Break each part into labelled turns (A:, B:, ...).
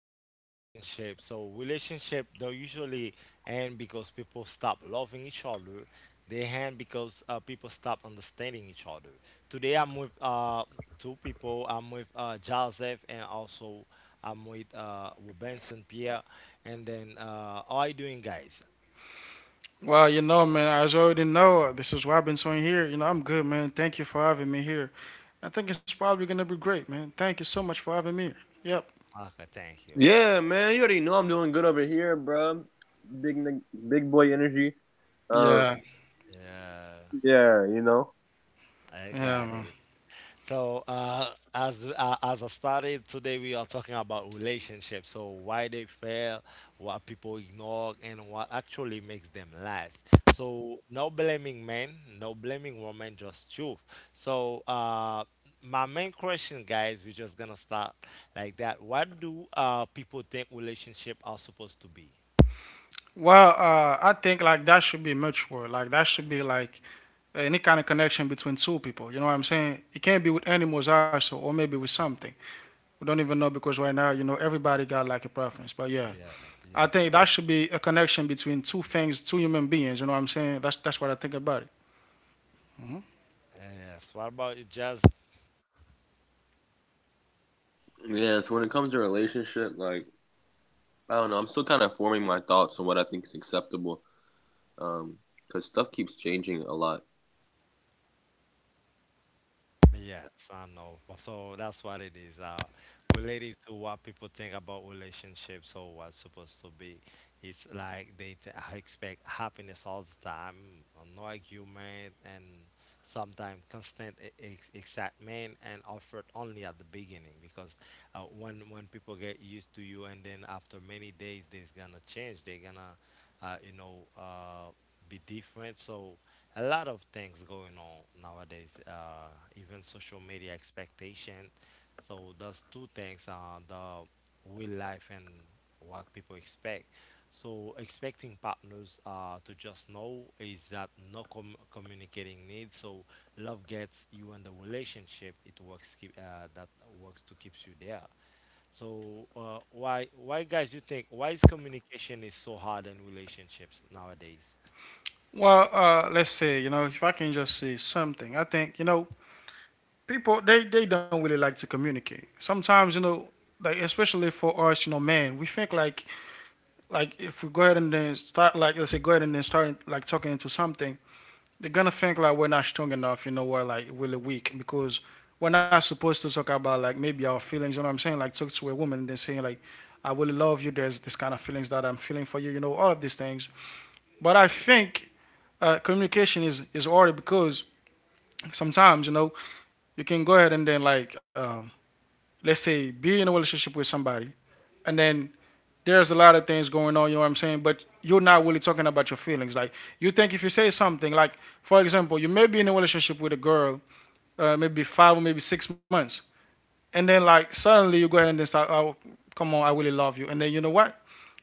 A: about relationships. So relationship don't usually end because people stop loving each other. They end because people stop understanding each other. Today I'm with two people. I'm with Joseph, and also I'm with Benson Pierre. And then How are you doing, guys?
B: Well, you know, man, as you already know, this is Robinson here. You know, I'm good, man. Thank you for having me here. I think it's probably gonna be great, man. Thank you so much for having me. Here. Yep.
A: Okay, thank you.
B: Yeah.
A: Yeah, I
B: Yeah,
A: got
B: man.
A: it. As I started today, we are talking about relationships. So, why they fail, what people ignore, and what actually makes them last. So, no blaming men, no blaming women, just truth. So, uh, my main question, guys, we're just gonna start like that. What do people think relationship are supposed to be?
B: I think like that should be mutual. Like that should be like any kind of connection between two people. You know what I'm saying? It can't be with animals also, or maybe with something. We don't even know because right now, you know, everybody got like a preference. But yeah,
A: Yes,
B: I think
A: yes,
B: that should be a connection between two things, two human beings. You know what I'm saying? That's what I think about it.
A: yes. What about you, Jazz? Yes, I know. So that's what it is. Related to what people think about relationships or what's supposed to be. It's like they expect happiness all the time, no argument, and sometimes constant excitement and effort only at the beginning. Because when people get used to you, and then after many days, they're gonna change. They're gonna, uh, you know. Uh, be different. So a lot of things going on nowadays, even social media expectation, so those two things are the real life and what people expect. So expecting partners to just know is that no communicating needs. So love gets you in the relationship. It works to keeps you there. So why guys you think why is communication is so hard in relationships nowadays?
B: Let's say, you know, if I can just say something, I think, you know, people, they don't really like to communicate. Sometimes, you know, like especially for us, you know, man, we think like if we go ahead and then start like, let's say, go ahead and then start like talking into something, they're gonna think like we're not strong enough, you know, we're like really weak because we're not supposed to talk about like maybe our feelings, you know what I'm saying? Like talk to a woman and then saying like I really love you, there's this kind of feelings that I'm feeling for you, you know, all of these things. But I think communication is harder because sometimes, you know, you can go ahead and then like, let's say, be in a relationship with somebody, and then there's a lot of things going on, you know what I'm saying, but you're not really talking about your feelings. Like, you think if you say something like, for example, you may be in a relationship with a girl, maybe five or maybe 6 months, and then like suddenly you go ahead and then start, oh, come on, I really love you, and then you know what,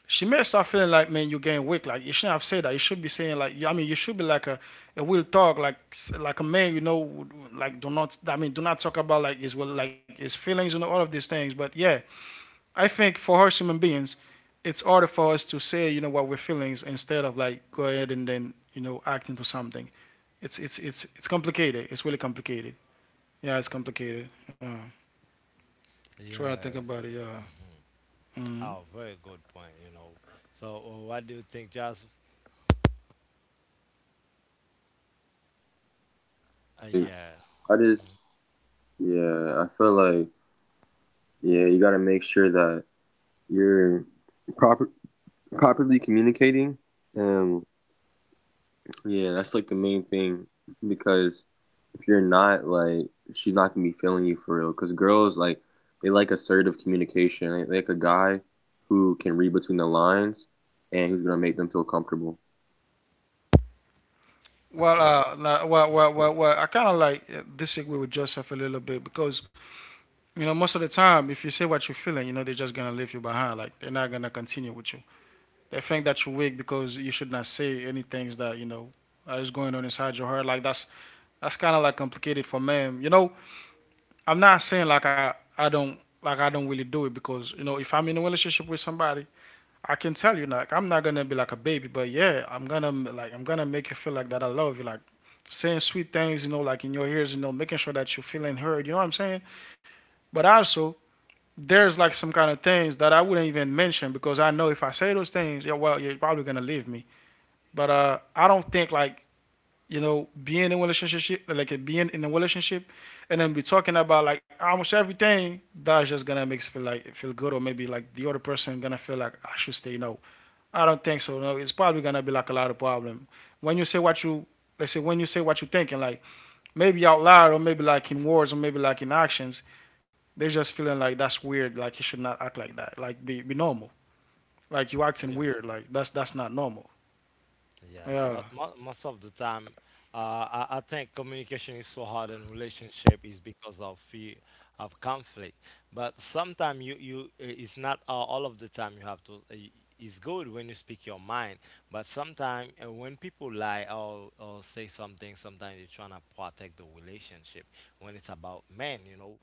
B: she may start feeling like, man, you're getting weak. Like you shouldn't have said that. You should be saying like, I mean, you should be like a will talk, like a man, you know, like do not. I mean, do not talk about like his will, like his feelings and all of these things. But yeah, I think for us human beings, it's harder for us to say, you know, what we're feelings instead of like go ahead and then, you know, act into something. It's complicated. It's really complicated. Yeah, it's complicated. Yeah, that's what I think
A: Yeah.
B: about it. Yeah.
A: hmm
B: Mm.
A: Oh, very good point. You know. So what do you think, Joseph? Yeah. Mhm.
B: Well,
A: Yes.
B: no, well, well, well, well, I kind of like, disagree with Joseph a little bit because, you know, most of the time, if you say what you're feeling, you know they're just gonna leave you behind. Like they're not gonna continue with you. They think that you're weak because you should not say any things that you know are just going on inside your heart. Like that's kind of like complicated for men. You know, I'm not saying like I don't really do it because you know if I'm in a relationship with somebody, I can tell you like I'm not gonna be like a baby, but yeah, I'm gonna make you feel like that I love you, like saying sweet things, you know, like in your ears, you know, making sure that you're feeling heard, you know what I'm saying? But also there's like some kind of things that I wouldn't even mention because I know if I say those things, yeah, well, you're probably gonna leave me. But I don't think like, you know, being in a relationship, and then be talking about like almost everything that's just gonna make us feel like it feel good or maybe like the other person gonna feel like I should stay, no. I don't think so. No, it's probably gonna be like a lot of problem. When you say what you Let's say when you say what you're thinking, like maybe out loud or maybe like in words or maybe like in actions, they're just feeling like that's weird, like you should not act like that. Like be normal. Like you acting
A: Yeah.
B: weird, like that's not normal.
A: Yes,
B: Yeah.
A: but mo most of the time, I think communication is so hard in relationship is because of fear of conflict. But sometimes you you it's not all of the time you have to. It's good when you speak your mind, but sometimes when people lie or say something, sometimes you're trying to protect the relationship. When it's about men, you know,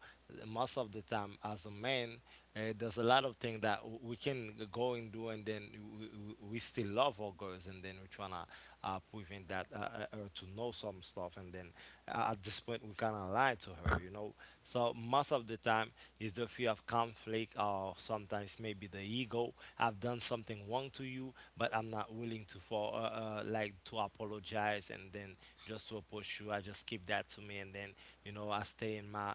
A: most of the time as a man, there's a lot of things that we can go and do, and then we still still love our girls, and then we're trying to prevent that her to know some stuff, and then at this point we kind of lie to her, you know. So most of the time is the fear of conflict, or sometimes maybe the ego. I've done something wrong to you, but I'm not willing to for like to apologize, and then just to approach you, I just keep that to me, and then you know I stay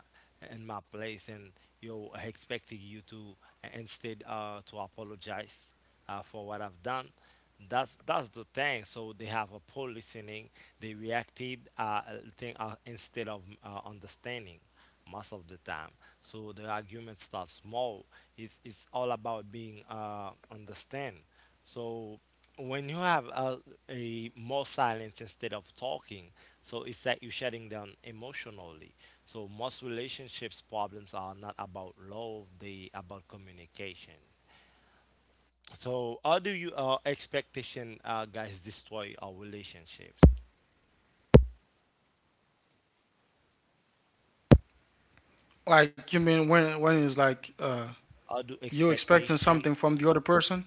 A: in my place, and you know, expecting you to instead to apologize for what I've done. That's the thing. So they have a poor listening. They reacted thing instead of understanding most of the time. So the argument starts small. It's all about being understand. So when you have a more silence instead of talking, so it's like you're shutting down emotionally. So most relationships problems are not about love; they about communication. So, how do you expectation guys destroy our relationships?
B: Like you mean when it's like
A: How do
B: you expecting
A: expectation?
B: something from the other person?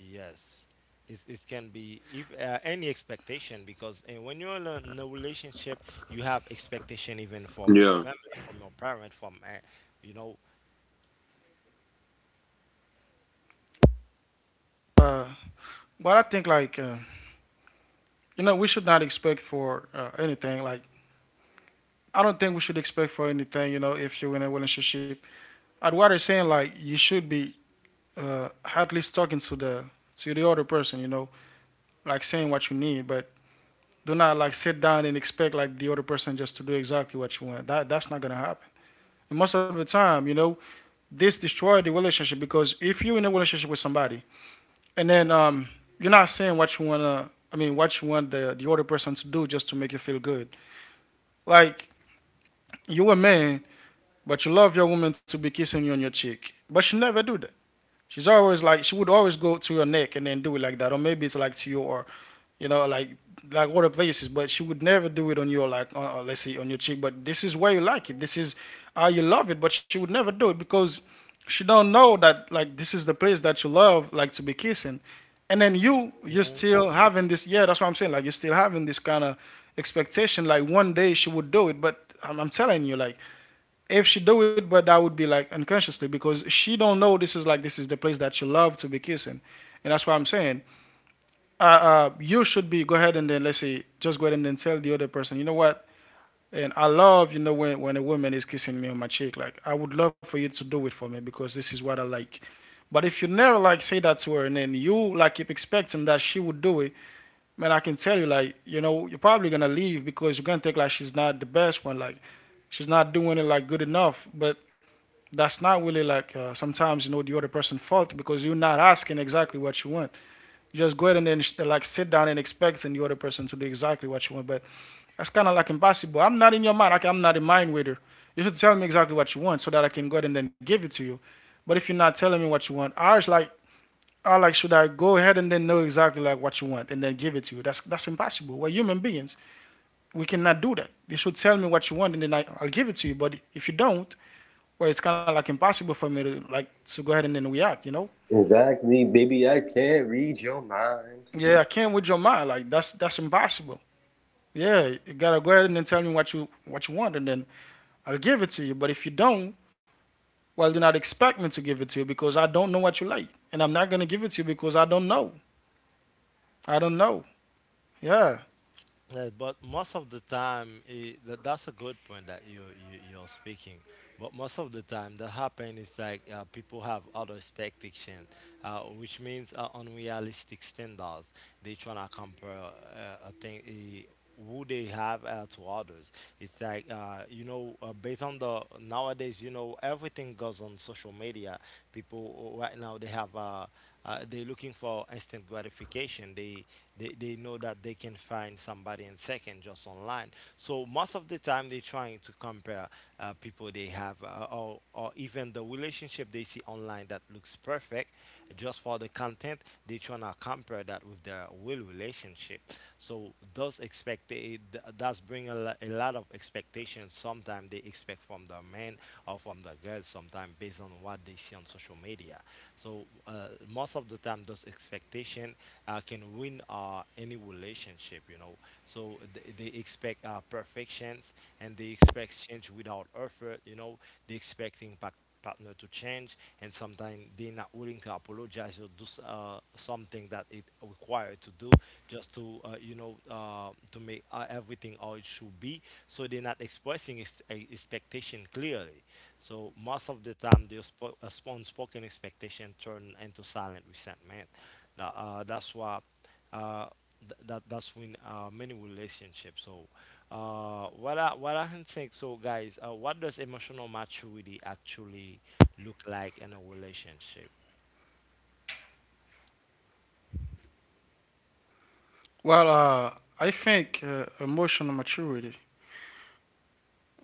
A: Yes, it's, it can be if any expectation because when you're in a relationship, you have expectation even from your family, from your parent, from you
B: Uh but I think like, you know, we should not expect for anything. Like I don't think we should expect for anything, you know, if you're in a relationship at what they're saying, like you should be, uh, at least talking to the other person, you know, like saying what you need, but do not like sit down and expect like the other person just to do exactly what you want. That's not gonna happen. And most of the time, you know, this destroys the relationship because if you're in a relationship with somebody and then, you're not saying what you wanna, I mean, what you want the other person to do just to make you feel good. Like you're a man, but you love your woman to be kissing you on your cheek, but she never do that. She's always like she would always go to your neck and then do it like that, or maybe it's like to your, you know, like other places. But she would never do it on your like, let's say, on your cheek. But this is where you like it. This is how you love it. But she would never do it because she don't know that, like, this is the place that you love like to be kissing, and then you you're
A: know.
B: still having this. Yeah, that's what I'm saying. Like you're still having this kind of expectation. Like one day she would do it, but I'm telling you, like if she do it, but that would be like unconsciously because she don't know this is like this is the place that she love to be kissing, and that's why I'm saying you should be go ahead and then, let's say, just go ahead and then tell the other person, you know what, and I love, you know, when a woman is kissing me on my cheek, like I would love for you to do it for me because this is what I like. But if you never like say that to her and then you like keep expecting that she would do it, man, I can tell you, like, you know, you're probably gonna leave because you're gonna think like she's not the best one, like she's not doing it like good enough. But that's not really like, sometimes, you know, the other person fault because you're not asking exactly what you want. You just go ahead and then like sit down and expecting the other person to do exactly what you want, but that's kind of like impossible. I'm not in your mind. Like I'm not in mind with her. You should tell me exactly what you want so that I can go ahead and then give it to you. But if you're not telling me what you want, I was like, I like should I go ahead and then know exactly like what you want and then give it to you? That's impossible. We're human beings. We cannot do that. You should tell me what you want and then I'll give it to you. But if you don't, where it's kind of like impossible for me to like to go ahead and then react. You know? Yeah, I can't with your mind. Like that's impossible. Yeah, you gotta go ahead and then tell me what you want, and then I'll give it to you. But if you don't, well, do not expect me to give it to you because I don't know what you like, and I'm not gonna give it to you because I don't know. I don't know. Yeah.
A: Yeah, but most of the time, eh, that, that's a good point that you're speaking. But most of the time, that happen is like people have other expectation, which means unrealistic standards. They tryna compare a thing eh, who they have to others. It's like you know, based on the nowadays, you know, everything goes on social media. People right now they have they're looking for instant gratification. They know that they can find somebody in second just online, so most of the time they're trying to compare people they have or even the relationship they see online that looks perfect just for the content, they're trying to compare that with their real relationship. So those expect it does bring a, a lot of expectations, sometimes they expect from the men or from the girls, sometimes based on what they see on social media. So most of the time those expectations can win any relationship, you know. So they expect perfections and they expect change without effort, you know. They expecting partner to change, and sometimes they're not willing to apologize or do something that it required to do just to to make everything how it should be. So they're not expressing expectation clearly, so most of the time the unspoken expectation turn into silent resentment now, that's why uh, that that's when many relationships. So what I can think. So guys, what does emotional maturity actually look like in a relationship?
B: Well, uh, I think, emotional maturity.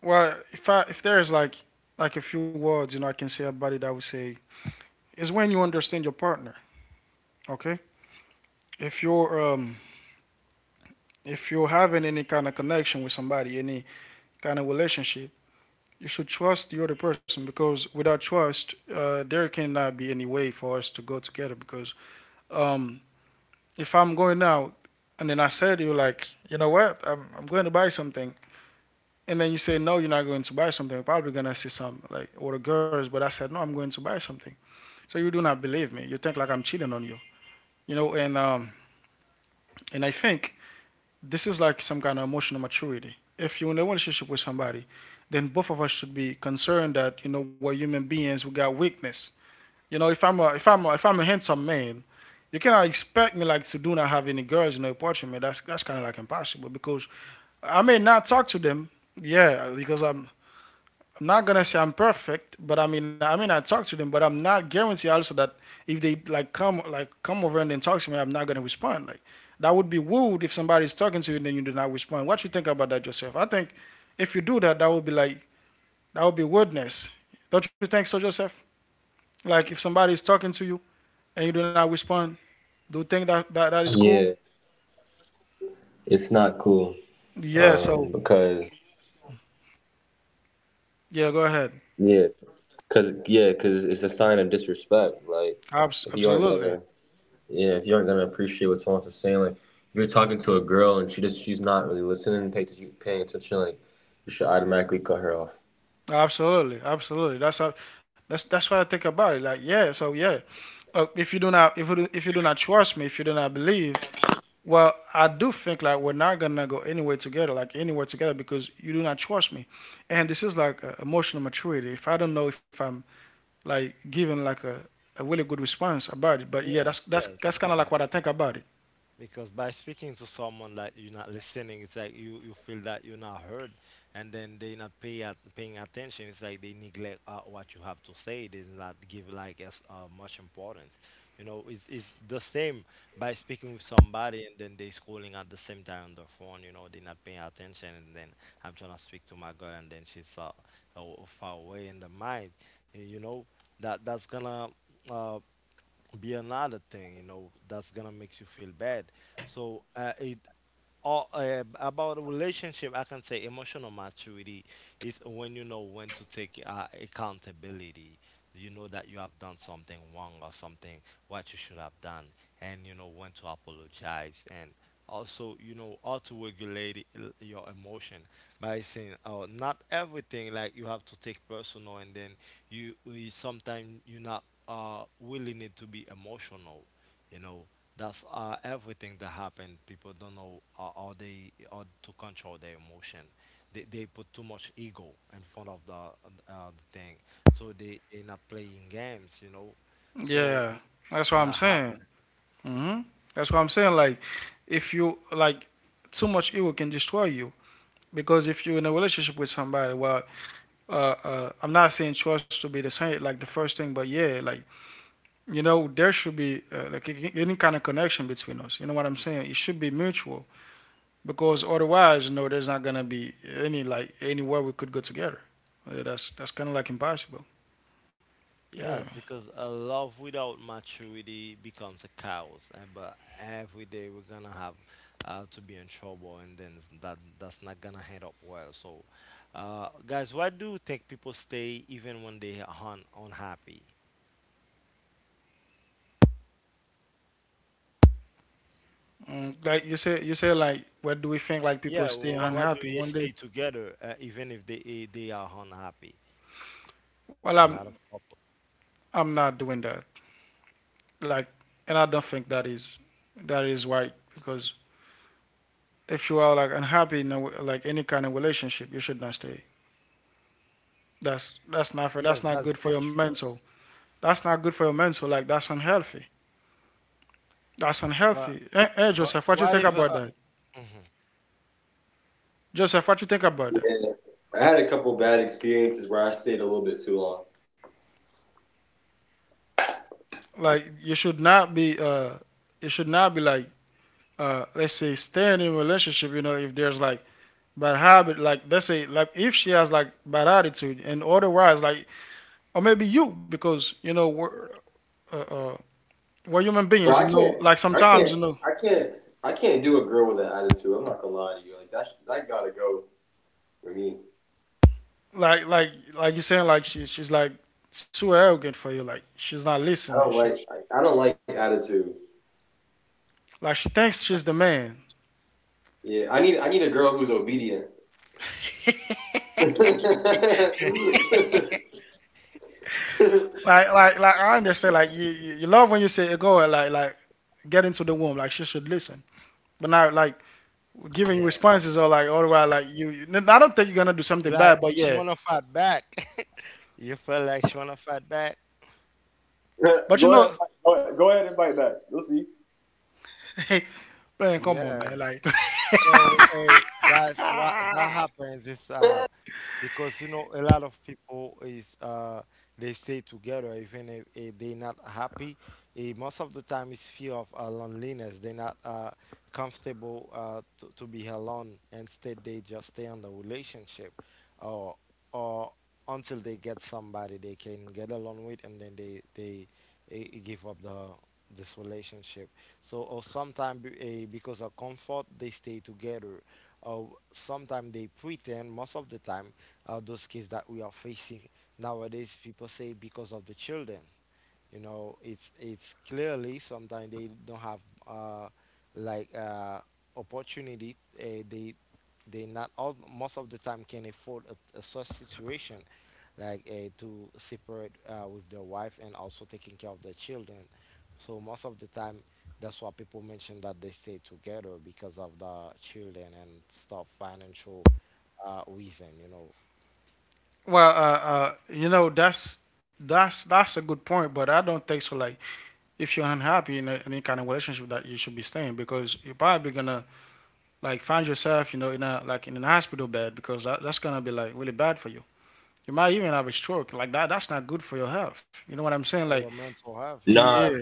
B: Well, if I, if there is like a few words, you know, I can say about it. I would say is when you understand your partner. Okay. If you're um if you're having any kind of connection with somebody, any kind of relationship, you should trust the other person because without trust, there cannot be any way for us to go together. Because, um, if I'm going out and then I say to you, like, you know what, I'm going to buy something. And then you say, no, you're not going to buy something. You're probably going to see some, like, or the girls, but I said, no, I'm going to buy something. So you do not believe me. You think like I'm cheating on you. And I think this is like some kind of emotional maturity. If you're in a relationship with somebody, then both of us should be concerned that you know we're human beings. We got weakness. You know, if I'm a if I'm a, if I'm a handsome man, you cannot expect me like to do not have any girls in the apartment. That's kind of like impossible because I may not talk to them. Yeah, because I'm not gonna say I'm perfect, but I mean, I talk to them, but I'm not guarantee also that if they like come over and then talk to me, I'm not gonna respond. Like that would be rude if somebody's talking to you and then you do not respond. What you think about that, Joseph? I think if you do that, that would be like that would be rudeness. Don't you think so, Joseph? Like if somebody is talking to you and you do not respond, do you think that that is cool? Yeah. So yeah, go ahead. Absolutely. Absolutely, absolutely. That's what I think about it. Like, yeah, so yeah, if you do not if you do not trust me, if you do not believe, well, I do think like we're not gonna go anywhere together, like anywhere together, because you do not trust me, and this is like emotional maturity. If I don't know if I'm like giving like a really good response about it, but yeah, that's
A: Yes,
B: that's
A: yes,
B: that's
A: it's
B: kind of like
A: that.
B: what I think about it.
A: Because by speaking to someone like you're not listening, it's like you feel that you're not heard, and then they not paying attention. It's like they neglect what you have to say. They not give like as much importance. You know, it's the same by speaking with somebody and then they scrolling at the same time on their phone. You know, they not paying attention, and then I'm trying to speak to my girl, and then she's far away in the mind. Eh, you know, that that's gonna uh, be another thing, you know, that's gonna make you feel bad. So it or about a relationship, I can say emotional maturity is when you know when to take accountability. You know that you have done something wrong or something what you should have done, and you know when to apologize, and also you know how to regulate your emotion by saying oh not everything like you have to take personal. And then you sometimes you're not willing it to be emotional, you know. That's everything that happened people don't know how to control their emotion. They put too much ego in front of the thing. So they not playing games, you know. So
B: Yeah, that's what I'm
A: that
B: saying.
A: happened.
B: hmm That's what I'm saying. Like, if you like too much ego can destroy you. Because if you're in a relationship with somebody, well, I'm not saying trust to be the same like the first thing, but yeah, like you know there should be like any kind of connection between us, you know what I'm saying, it should be mutual because otherwise you know there's not gonna be any like anywhere we could go together. Yeah, that's kind of like impossible. Yeah.
A: Yes, because a love without maturity becomes a chaos and but every day we're gonna have to be in trouble, and then that that's not gonna end up well. So guys, why do you think people stay even when they are unhappy?
B: Like you say like what do we think like
A: Yeah,
B: people stay
A: why do
B: unhappy
A: they
B: one
A: stay
B: day.
A: together even if they eh, they are unhappy?
B: Well,
A: A
B: i'm
A: lot of couples.
B: i'm not doing that, like, and I don't think that is right because if you are like unhappy in like any kind of relationship, you should not stay. That's not fair.
A: Yes,
B: That's not
A: that's
B: good for your
A: dangerous.
B: mental. That's not good for your mental. Like that's unhealthy. That's
A: But
B: unhealthy. Hey
A: but
B: Joseph, what you
A: what
B: think
A: if
B: about that?
A: mhm,
B: Joseph, what you think about that? Like you should not be you should not be like let's say staying in a relationship, you know, if there's like bad habit, like let's say like if she has like bad attitude and otherwise, like, or maybe you, because you know uh, uh we're human beings, you know, like sometimes you know like you're saying, like she's like too arrogant for you, like she's not listening she like she thinks she's the man, like I understand, like you love when you say go, like get into the womb, like she should listen. But now like giving you
A: yeah,
B: responses, or like all right, like you, I don't think you're gonna do something bad,
A: like
B: but
A: she
B: yeah,
A: wanna fight back? You feel like she wanna fight back?
B: but you know. Hey, man, come on,
A: Yeah.
B: man, like.
A: So, hey guys, what that happens is because you know a lot of people is they stay together even if they're not happy. Eh, most of the time it's fear of loneliness. They're not comfortable to be alone, instead they just stay on the relationship or or until they get somebody they can get along with, and then they eh, give up the this relationship. So or sometimes because of comfort they stay together. uh, Sometimes they pretend most of the time those cases that we are facing nowadays, people say because of the children. You know it's clearly sometimes they don't have uh like uh opportunity. They not all most of the time can afford a such situation, like to separate with their wife and also taking care of their children. So most of the time, that's why people mention that they stay together because of the children and stuff financial reason, you know.
B: Well, you know that's a good point, but I don't think so. Like, if you're unhappy in any kind of relationship, that you should be staying, because you're probably gonna like find yourself, you know, in a like in an hospital bed because that's gonna be like really bad for you. You might even have a stroke, like that's not good for your health, you know what I'm saying.
A: For
B: Like
A: your mental health,
B: yeah,
A: yes.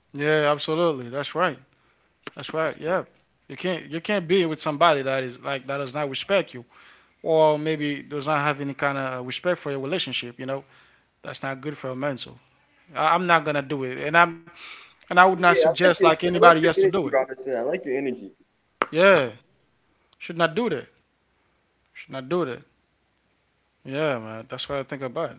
B: yeah, absolutely, that's right, that's right, yeah. You can't be with somebody that is like that does not respect you, or maybe does not have any kind of respect for your relationship, you know, that's not good for your mental. I'm not gonna do it, and I'm and I would not suggest like anybody else to do it. Yeah. Should not do that. Should not do that. Yeah, man. That's what I think about.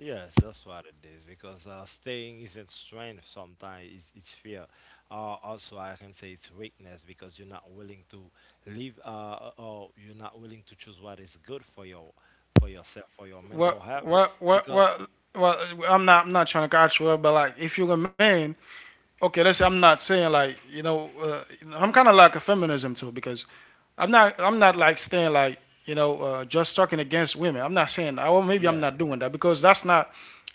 A: Yes, that's what it is because staying isn't strength sometimes, it's fear. Also, I can say it's weakness because you're not willing to leave or you're not willing to choose what is good for your for yourself, for your mental health. Because,
B: What? Well, I'm not trying to catch well, but like if you're a man, okay, let's say, I'm not saying like you know, I'm kind of like a feminism too, because I'm not like staying like, you know, just talking against women. I'm not saying that, or maybe I'm
A: yeah,
B: not doing that because that's not,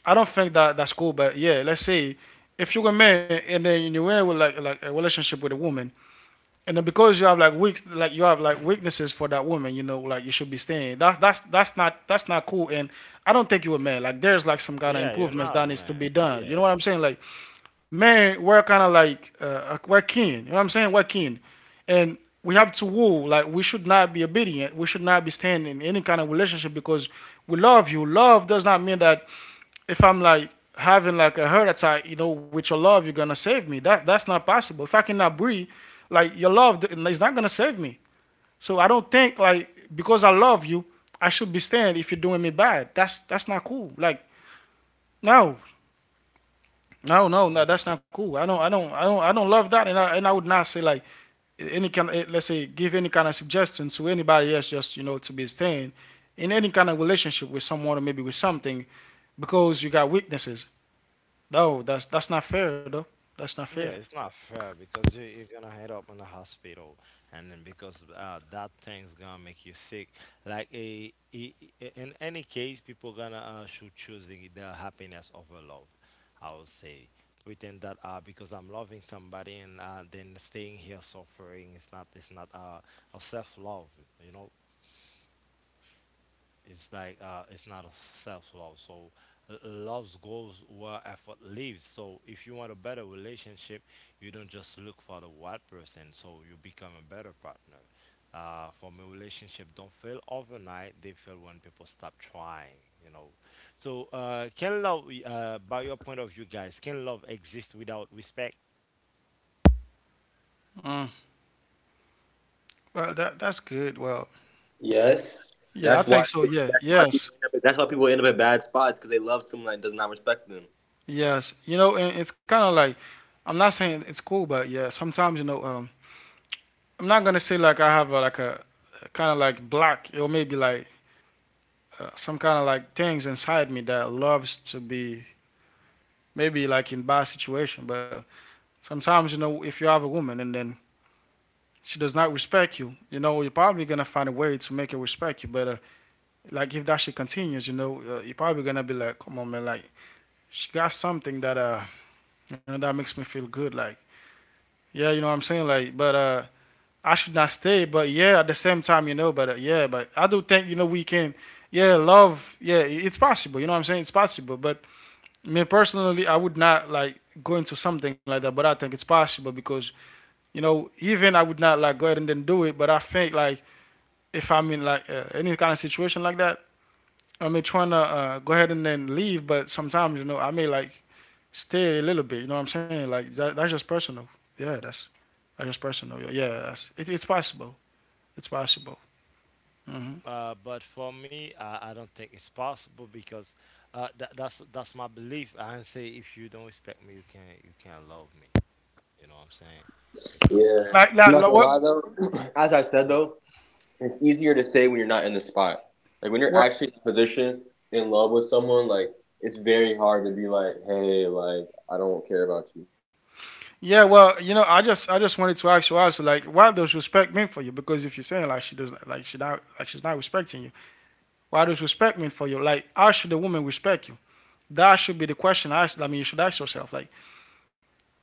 B: I don't think that's cool. But yeah, let's say if you're a man and then you're in with like a relationship with a woman, and then because you have like weak like you have like weaknesses for that woman, you know, like you should be staying, that's not, that's not cool. And I don't think you were man, like there's like some kind of
A: yeah, you're
B: improvements
A: not a
B: that needs to
A: man.
B: be
A: Yeah,
B: done, you know what I'm saying, like men, we're kind of like we're keen, you know what I'm saying, we're keen. And we have to woo, like we should not be obedient, we should not be staying in any kind of relationship, because we love, you love does not mean that if I'm like having like a heart attack, you know, with your love, you're gonna save me. That that's not possible. If I cannot breathe, like your love is not gonna save me. So I don't think like because I love you, I should be staying if you're doing me bad. That's not cool. Like no,
A: yeah.
B: no, that's not cool. I don't love that, and I would not say like any kind of, let's say, give any kind of suggestion to anybody else, just you know, to be staying in any kind of relationship with someone, or maybe with something, because you got weaknesses. No, that's not fair though. That's not fair.
A: Yeah, it's not fair because you're gonna end up in the hospital, and then because that thing's gonna make you sick. Like a, in any case, people gonna should choosing their happiness over love. I would say pretend that because I'm loving somebody and then staying here suffering is not it's not a self love. You know, it's like it's not a self love. So love goes where effort lives. So if you want a better relationship, you don't just look for the right person. So you become a better partner. For me, relationship don't fail overnight. They fail when people stop trying. You know. So can love, by your point of view, guys, can love exist without respect?
B: Mm. Well, that that's good. Well, yeah, I think so. Yeah, yes, yes. You know, and it's kind of like I'm not saying it's cool, but yeah, sometimes you know, I'm not gonna say like I have like a kind of like black, or maybe like some kind of like things inside me that loves to be maybe like in bad situation. But sometimes you know if you have a woman and then she does not respect you, you know you're probably gonna find a way to make her respect you. But like if that shit continues, you know, you're probably gonna be like, come on, man, like she got something that you know, that makes me feel good. Like, yeah, you know what I'm saying, like, but I should not stay. But yeah, at the same time, you know, but yeah, but I do think you know we can, yeah, love, yeah, it's possible. You know what I'm saying? It's possible. But me personally, I would not like go into something like that. But I think it's possible because you know, even I would not like go ahead and then do it. But I think like if I'm in like any kind of situation like that, I mean, trying to go ahead and then leave, but sometimes you know I may like stay a little bit. You know what I'm saying? Like that, that's just personal. Yeah, that's just personal. Yeah, yeah, it's possible. It's possible. hmm
A: But for me, I don't think it's possible because that's my belief. I say if you don't respect me, you can't love me. You know what I'm saying? Because
B: Like what?
A: because
B: what. Yeah, well, you know, I just wanted to ask you also like what does respect mean for you? Because if you're saying like she not like she's not respecting you, what does respect mean for you? Like how should a woman respect you? That should be the question I mean you should ask yourself. Like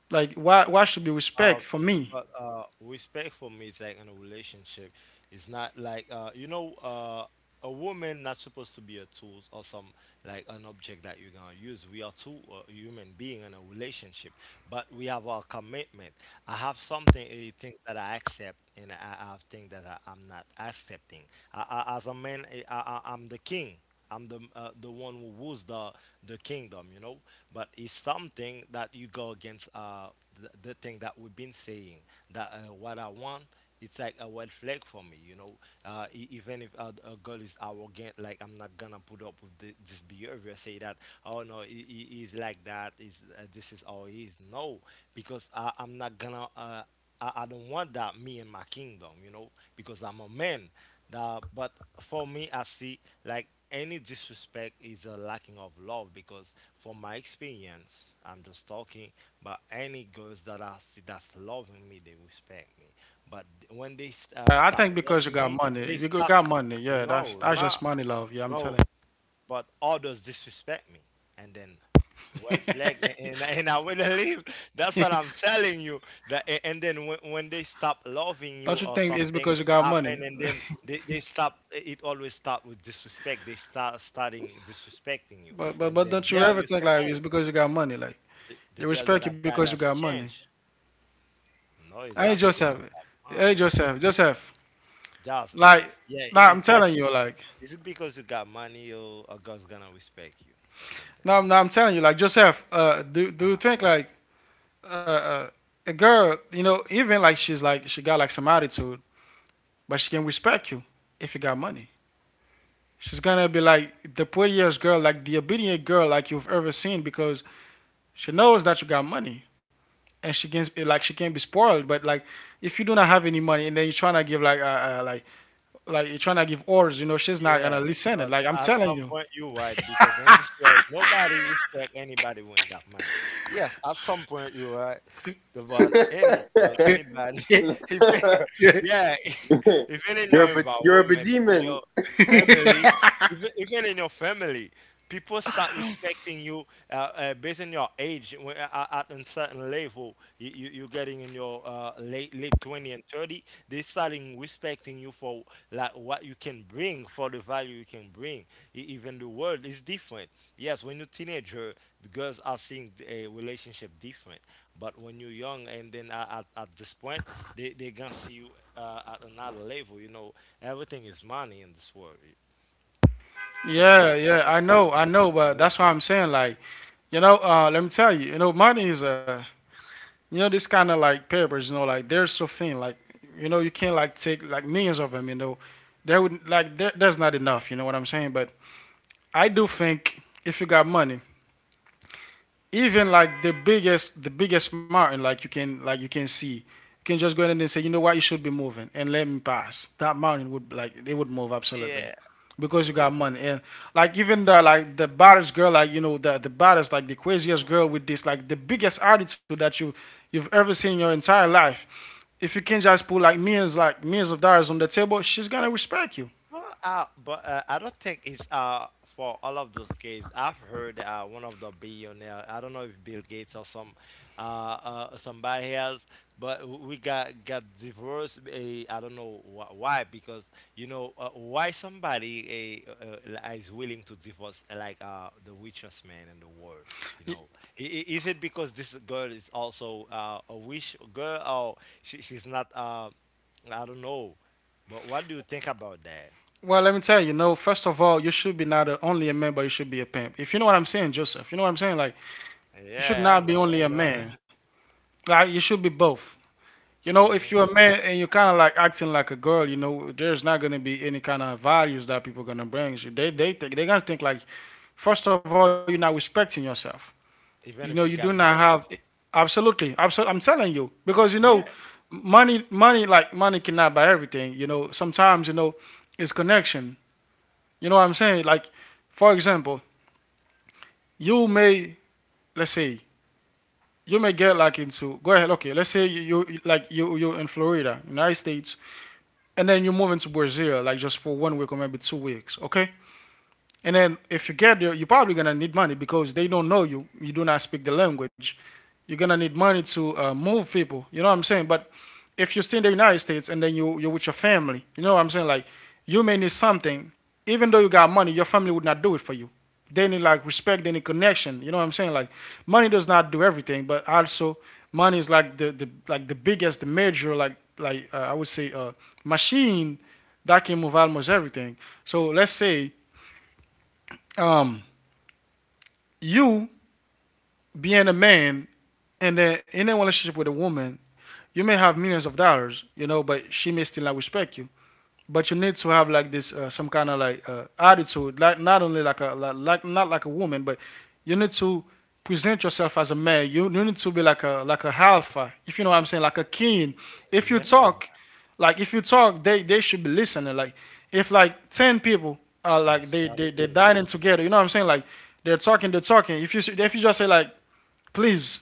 B: why should be
A: Ah,
B: respect for
A: okay,
B: me?
A: but respect for me is like in a relationship. It's not like a woman not supposed to be a tool or some like an object that you're gonna use. We are two human being in a relationship, but we have our commitment. I have something, things that I accept, and I have things that I'm not accepting. As a man, I'm the king. I'm the one who rules the kingdom, you know. But it's something that you go against the thing that we've been saying that what I want. It's like a red flag for me, you know. Even if a girl is arrogant, like I'm not gonna put up with this behavior. Say that, oh no, he's like that. Is this is how he is? No, because I'm not gonna. I don't want that me in my kingdom, you know, because I'm a man. That, but for me, I see like any disrespect is a lacking of love because from my experience, I'm just talking, but any girls that I see that's loving me, they respect me. But when they
B: I think
A: stop
B: because you
A: loving
B: got
A: me,
B: money, if
A: they
B: you
A: stop.
B: got money, yeah, that's
A: No,
B: that's just
A: not
B: money love. Yeah, I'm
A: no
B: telling you.
A: but others disrespect me and then red flag and I will leave. That's what I'm telling you, that and then when they stop loving you
B: Don't you
A: or
B: think it's
A: something
B: because you got
A: happen
B: money?
A: and then they stop. It always start with disrespect. They starting disrespecting you
B: but but
A: and
B: but
A: then
B: don't you
A: there
B: ever
A: you
B: think
A: say,
B: like
A: oh,
B: it's because you got money? Like
A: the
B: they
A: girl that
B: respect you
A: I've
B: because
A: got
B: you got
A: has
B: money.
A: changed. No, it's
B: Hey
A: not because you
B: Joseph,
A: got
B: hey
A: money,
B: Joseph, Joseph.
A: Joseph.
B: Like
A: Yeah,
B: now I'm
A: it's
B: telling
A: asking.
B: you, like
A: Is it because you got money or a girl's gonna respect you or something?
B: now I'm telling you, like Joseph. Do you
A: Uh-huh.
B: think like uh, uh a girl, you know, even like she got like some attitude, but she can respect you if you got money. She's gonna be like the prettiest girl, like the obedient girl, like you've ever seen, because she knows that you got money, and she can be spoiled. But like, if you do not have any money, and then you're trying to give like you're trying to give orders, you know, she's not gonna
A: Yes,
B: listen. It
A: but
B: like I'm
A: at
B: telling
A: some
B: you.
A: point you're right because in this world nobody respect anybody who ain't got money. Yes, at some point you're right about any girls, anybody. If they, yeah, even in your environment from your family, even in your family, people start respecting you based on your age. When, at a certain level, you you're getting in your late 20 and 30, they starting respecting you for like what you can bring, for the value you can bring. Even the world is different, yes, when you're teenager the girls are seeing a relationship different. But when you're young and then at this point they gonna see you at another level, you know. Everything is money in this world. People start
B: Yeah, yeah, I
A: expecting you
B: know, I
A: different
B: know,
A: on
B: but
A: the level.
B: that's why I'm saying like, you know, let me tell you, you know, money is you know, this kind of like papers, you know, like they're so thin, like you know, you can't like take like millions of them, you know, there's not enough, you know what I'm saying? But I do think if you got money, even like the biggest mountain, like you can see, you can just go ahead and say, you know what, you should be moving and let me pass. That mountain would like they would move absolutely.
A: Yeah,
B: Because
A: you're
B: you got
A: right.
B: money. And like even the like the baddest girl, like you know, the baddest, like the craziest girl with this like the biggest attitude that you've ever seen in your entire life. If you can just put like millions of dollars on the table, she's gonna respect you.
A: Well, but I don't think it's for all of those cases. I've heard one of the billionaire. I don't know if Bill Gates or some somebody else, but we got divorced. I don't know why because you know why somebody is willing to divorce like the richest man in the world. You know, is it because this girl is also a wish girl or she's not I don't know. But what do you think about that?
B: Well, let me tell you, no, first of all, you should be not a, only a man, but you should be a pimp. If you know what I'm saying, Joseph, you know what I'm saying? Like, you should
A: Yeah, I
B: not be
A: know, I
B: only a
A: know.
B: man. Like, you should be both. You know, if
A: Mhm.
B: you're a man and you're kind of like acting like a girl, you know, there's not going to be any kind of values that people going to bring you. They think, they're going to think like, first of all, you're not respecting yourself.
A: Even
B: You
A: if
B: know,
A: you
B: you
A: got
B: do not
A: money,
B: have. Absolutely, absolutely. I'm telling you because you know,
A: yeah,
B: money, like money cannot buy everything. You know, sometimes you know, it's connection. You know what I'm saying? Like, for example, you may let's say you may get like into go ahead. Okay, let's say you're in Florida, United States, and then you move into Brazil, like just for 1 week or maybe 2 weeks. Okay, and then if you get there, you're probably gonna need money because they don't know you. You do not speak the language. You're gonna need money to move people. You know what I'm saying? But if you are still in the United States and then you're with your family, you know what I'm saying? Like you may need something, even though you got money, your family would not do it for you. They need like respect, they need connection. You know what I'm saying? Like money does not do everything, but also money is like the like the biggest, the major like I would say machine that can move almost everything. So let's say um, you being a man and then in a relationship with a woman, you may have millions of dollars, you know, but she may still not respect you, but you need to have like this some kind of like attitude like not only like not like a woman but you need to present yourself as a man. You need to be like a alpha if you know what I'm saying, like a king. if you
A: yeah,
B: talk like if you talk, they should be listening. Like if like 10 people are like
A: that's
B: they
A: what
B: they
A: it
B: they
A: is.
B: dining together, you know what I'm saying? Like they're talking if you just say like please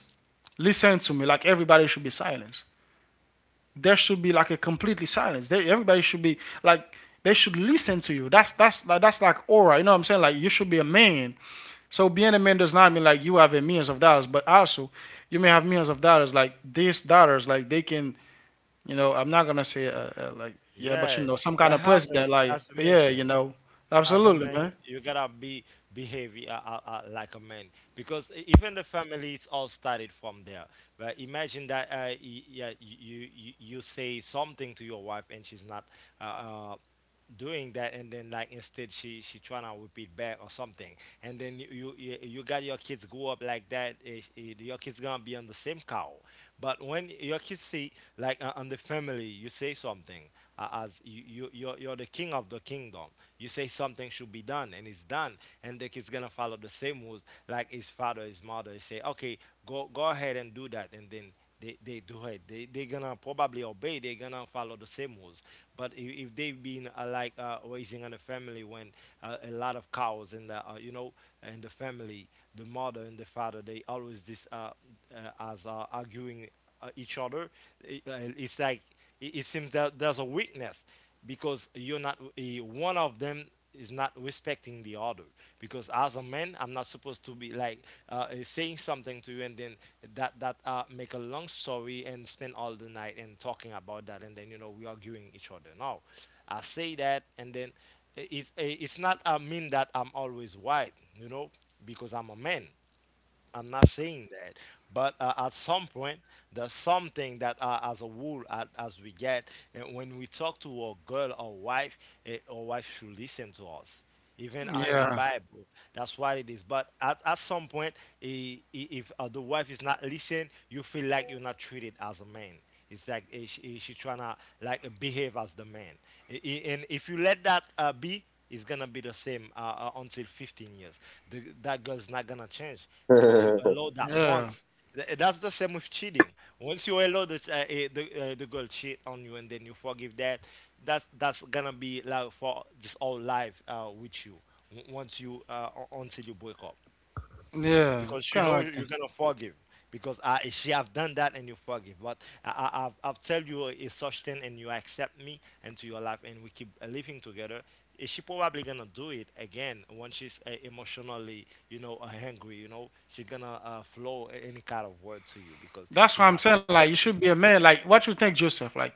B: listen to me, like everybody should be silent. There should be like a completely silence. They, everybody should be like they should listen to you. That's that's like aura. You know what I'm saying? Like you should be a man. So being a man does not mean like you have a millions of dollars, but also you may have millions of dollars. Like these dollars, like they can, you know, I'm not gonna say like yeah, but you
A: Yeah,
B: know, some kind
A: that
B: of president,
A: happened
B: like
A: as you
B: yeah, you
A: mentioned.
B: know,
A: As a
B: absolutely,
A: man,
B: man.
A: you gotta be behave like a man because even the families all started from there. But imagine that yeah, you you say something to your wife and she's not uh, uh, doing that and then like instead she trying to repeat back or something and then you got your kids grow up like that, your kids gonna be on the same cow. But when your kids see like on the family you say something as you, you you're the king of the kingdom. You say something should be done and it's done, and the kid's gonna follow the same rules like his father, his mother. He say okay, go ahead and do that, and then they do it. They gonna probably obey. They gonna follow the same rules. But if they've been raising in a family when a lot of cows in the in the family, the mother and the father they always this as arguing each other. It's like it seems that there's a weakness because you're not one of them is not respecting the other, because as a man I'm not supposed to be like saying something to you and then that make a long story and spend all the night and talking about that and then you know we arguing each other. No, I say that and then it's it's not, I mean that I'm always right, you know, because I'm a man. I'm not saying that, but at some point, there's something that as a rule, as we get, and when we talk to our girl or wife, our wife should listen to us. Even in the
B: Yeah,
A: Bible, that's what it is. But at some point, if the wife is not listening, you feel like you're not treated as a man. It's like she trying to like behave as the man. And if you let that be, it's gonna be the same until 15 years. The, that girl's not gonna change because you allow that
B: yeah,
A: once. That's the same with cheating. Once you allow the the girl cheat on you and then you forgive that, that's gonna be like for this whole life with you. Once you until you break up,
B: yeah,
A: because you
B: kind
A: know
B: of
A: you're
B: like that.
A: gonna forgive because she have done that and you forgive. But I've tell you it's such thing and you accept me into your life and we keep living together. She probably gonna do it again when she's emotionally, you know, hungry. You know she gonna flow any kind of word to you because she's
B: That's what
A: not
B: I'm saying. Like you
A: respecting.
B: should be a man. Like what you think, Joseph? Like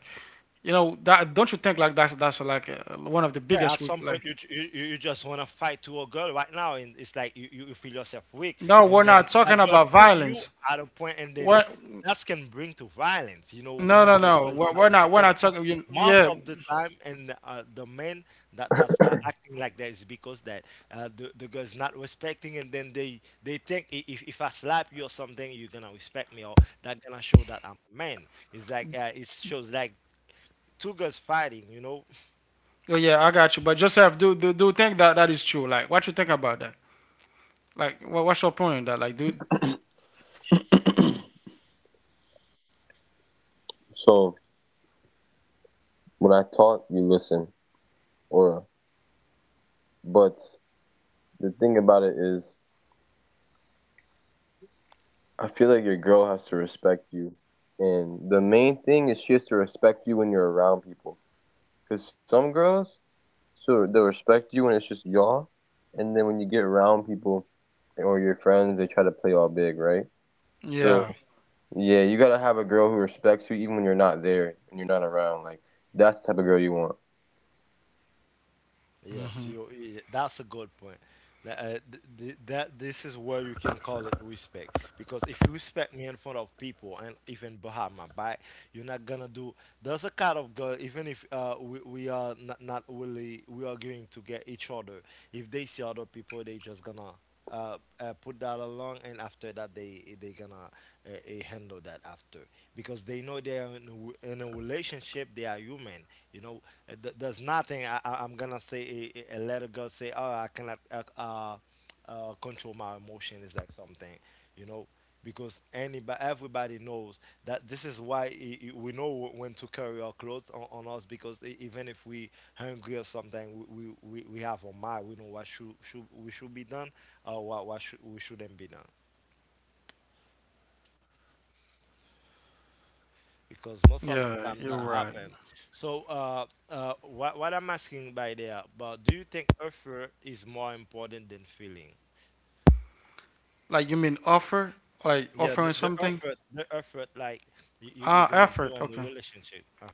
B: you know that, don't you think like that's like one of the
A: Yeah,
B: biggest
A: at
B: we
A: some
B: like.
A: point you ju- you just want to fight to a girl right now, and it's like you feel yourself weak,
B: No,
A: and
B: we're
A: then
B: not
A: that
B: talking
A: girl
B: about
A: put you
B: violence.
A: at a point, and then
B: We're
A: that can bring to violence. You know,
B: no no
A: when the
B: no.
A: girl is
B: We're, we're
A: not
B: not we're not
A: respecting,
B: talking. You,
A: most
B: yeah,
A: of the time, and the men that that's acting like that is because that the girl is not respecting, and then they think, If I slap you or something, you're gonna respect me, or that gonna show that I'm a man." It's like it shows like two girls fighting, you know.
B: oh yeah, I got you. But Joseph, do you think that that is true? Like what you think about that? Like what, what's your point on that? Like do, yeah,
A: Yes, you. That's a good point. That, th th that this is where you can call it respect, because if you respect me in front of people and even behind my back, you're not gonna do. There's a kind of girl. Even if we we are not, not really we are going to get each other. If they see other people, they just gonna put that along, and after that they gonna handle that after, because they know they are in a, in a relationship. They are human. You know, there's nothing I'm gonna say. A little girl say, "Oh, I cannot. Control my emotion" is like something, you know, because anybody, everybody knows that this is why we know when to carry our clothes on us because even if we hungry or something, we have on mind, we know what should we should be done or what should, we shouldn't be done. Because most
B: yeah,
A: of the
B: you're
A: time that
B: right.
A: happens. So what I'm asking by there, but do you think effort is more important than feeling?
B: Like you mean offer, like
A: Yeah, the,
B: offering
A: the
B: something?
A: effort, the effort, like you're
B: Ah,
A: gonna do
B: effort.
A: on the
B: Okay.
A: relationship.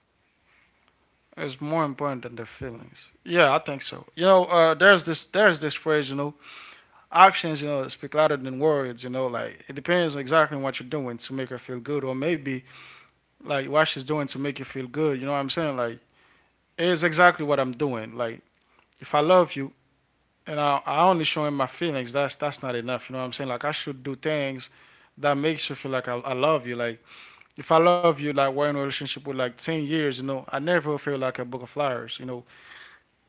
B: It's more important than the feelings. Yeah, I think so. You know, there's this phrase, you know, actions, you know, speak louder than words, you know, like it depends exactly on what you're doing to make her feel good or maybe like what she's doing to make you feel good, you know what I'm saying? Like it is exactly what I'm doing. Like if I love you and I only showing my feelings, that's not enough, you know what I'm saying? Like I should do things that makes you feel like I love you. Like if I love you, like we're in a relationship with like 10 years, you know, I never feel like a book of flowers, you know,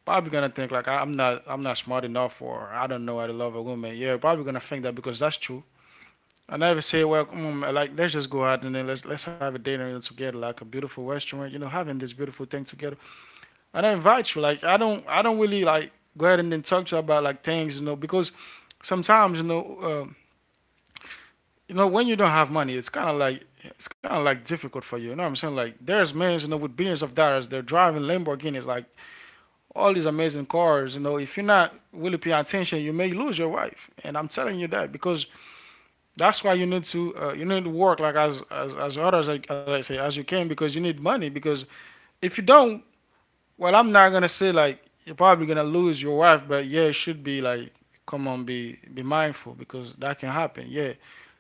B: probably gonna think like I'm not smart enough or I don't know how to love a woman. Yeah, probably gonna think that because that's true. I never say, well, like let's just go out and then let's have a dinner together, like a beautiful restaurant, you know, having this beautiful thing together. And I invite you, like I don't really like go ahead and then talk to you about like things, you know, because sometimes you know when you don't have money, it's kind of like it's kind of like difficult for you. You know what I'm saying? Like there's men, you know, with billions of dollars, they're driving Lamborghinis, like all these amazing cars, you know, if you're not really paying attention, you may lose your wife. And I'm telling you that because that's why you need to work like as hard as I say as you can because you need money. Because if you don't, well, I'm not gonna say like you're probably gonna lose your wife, but yeah, it should be like come on, be mindful because that can happen. Yeah.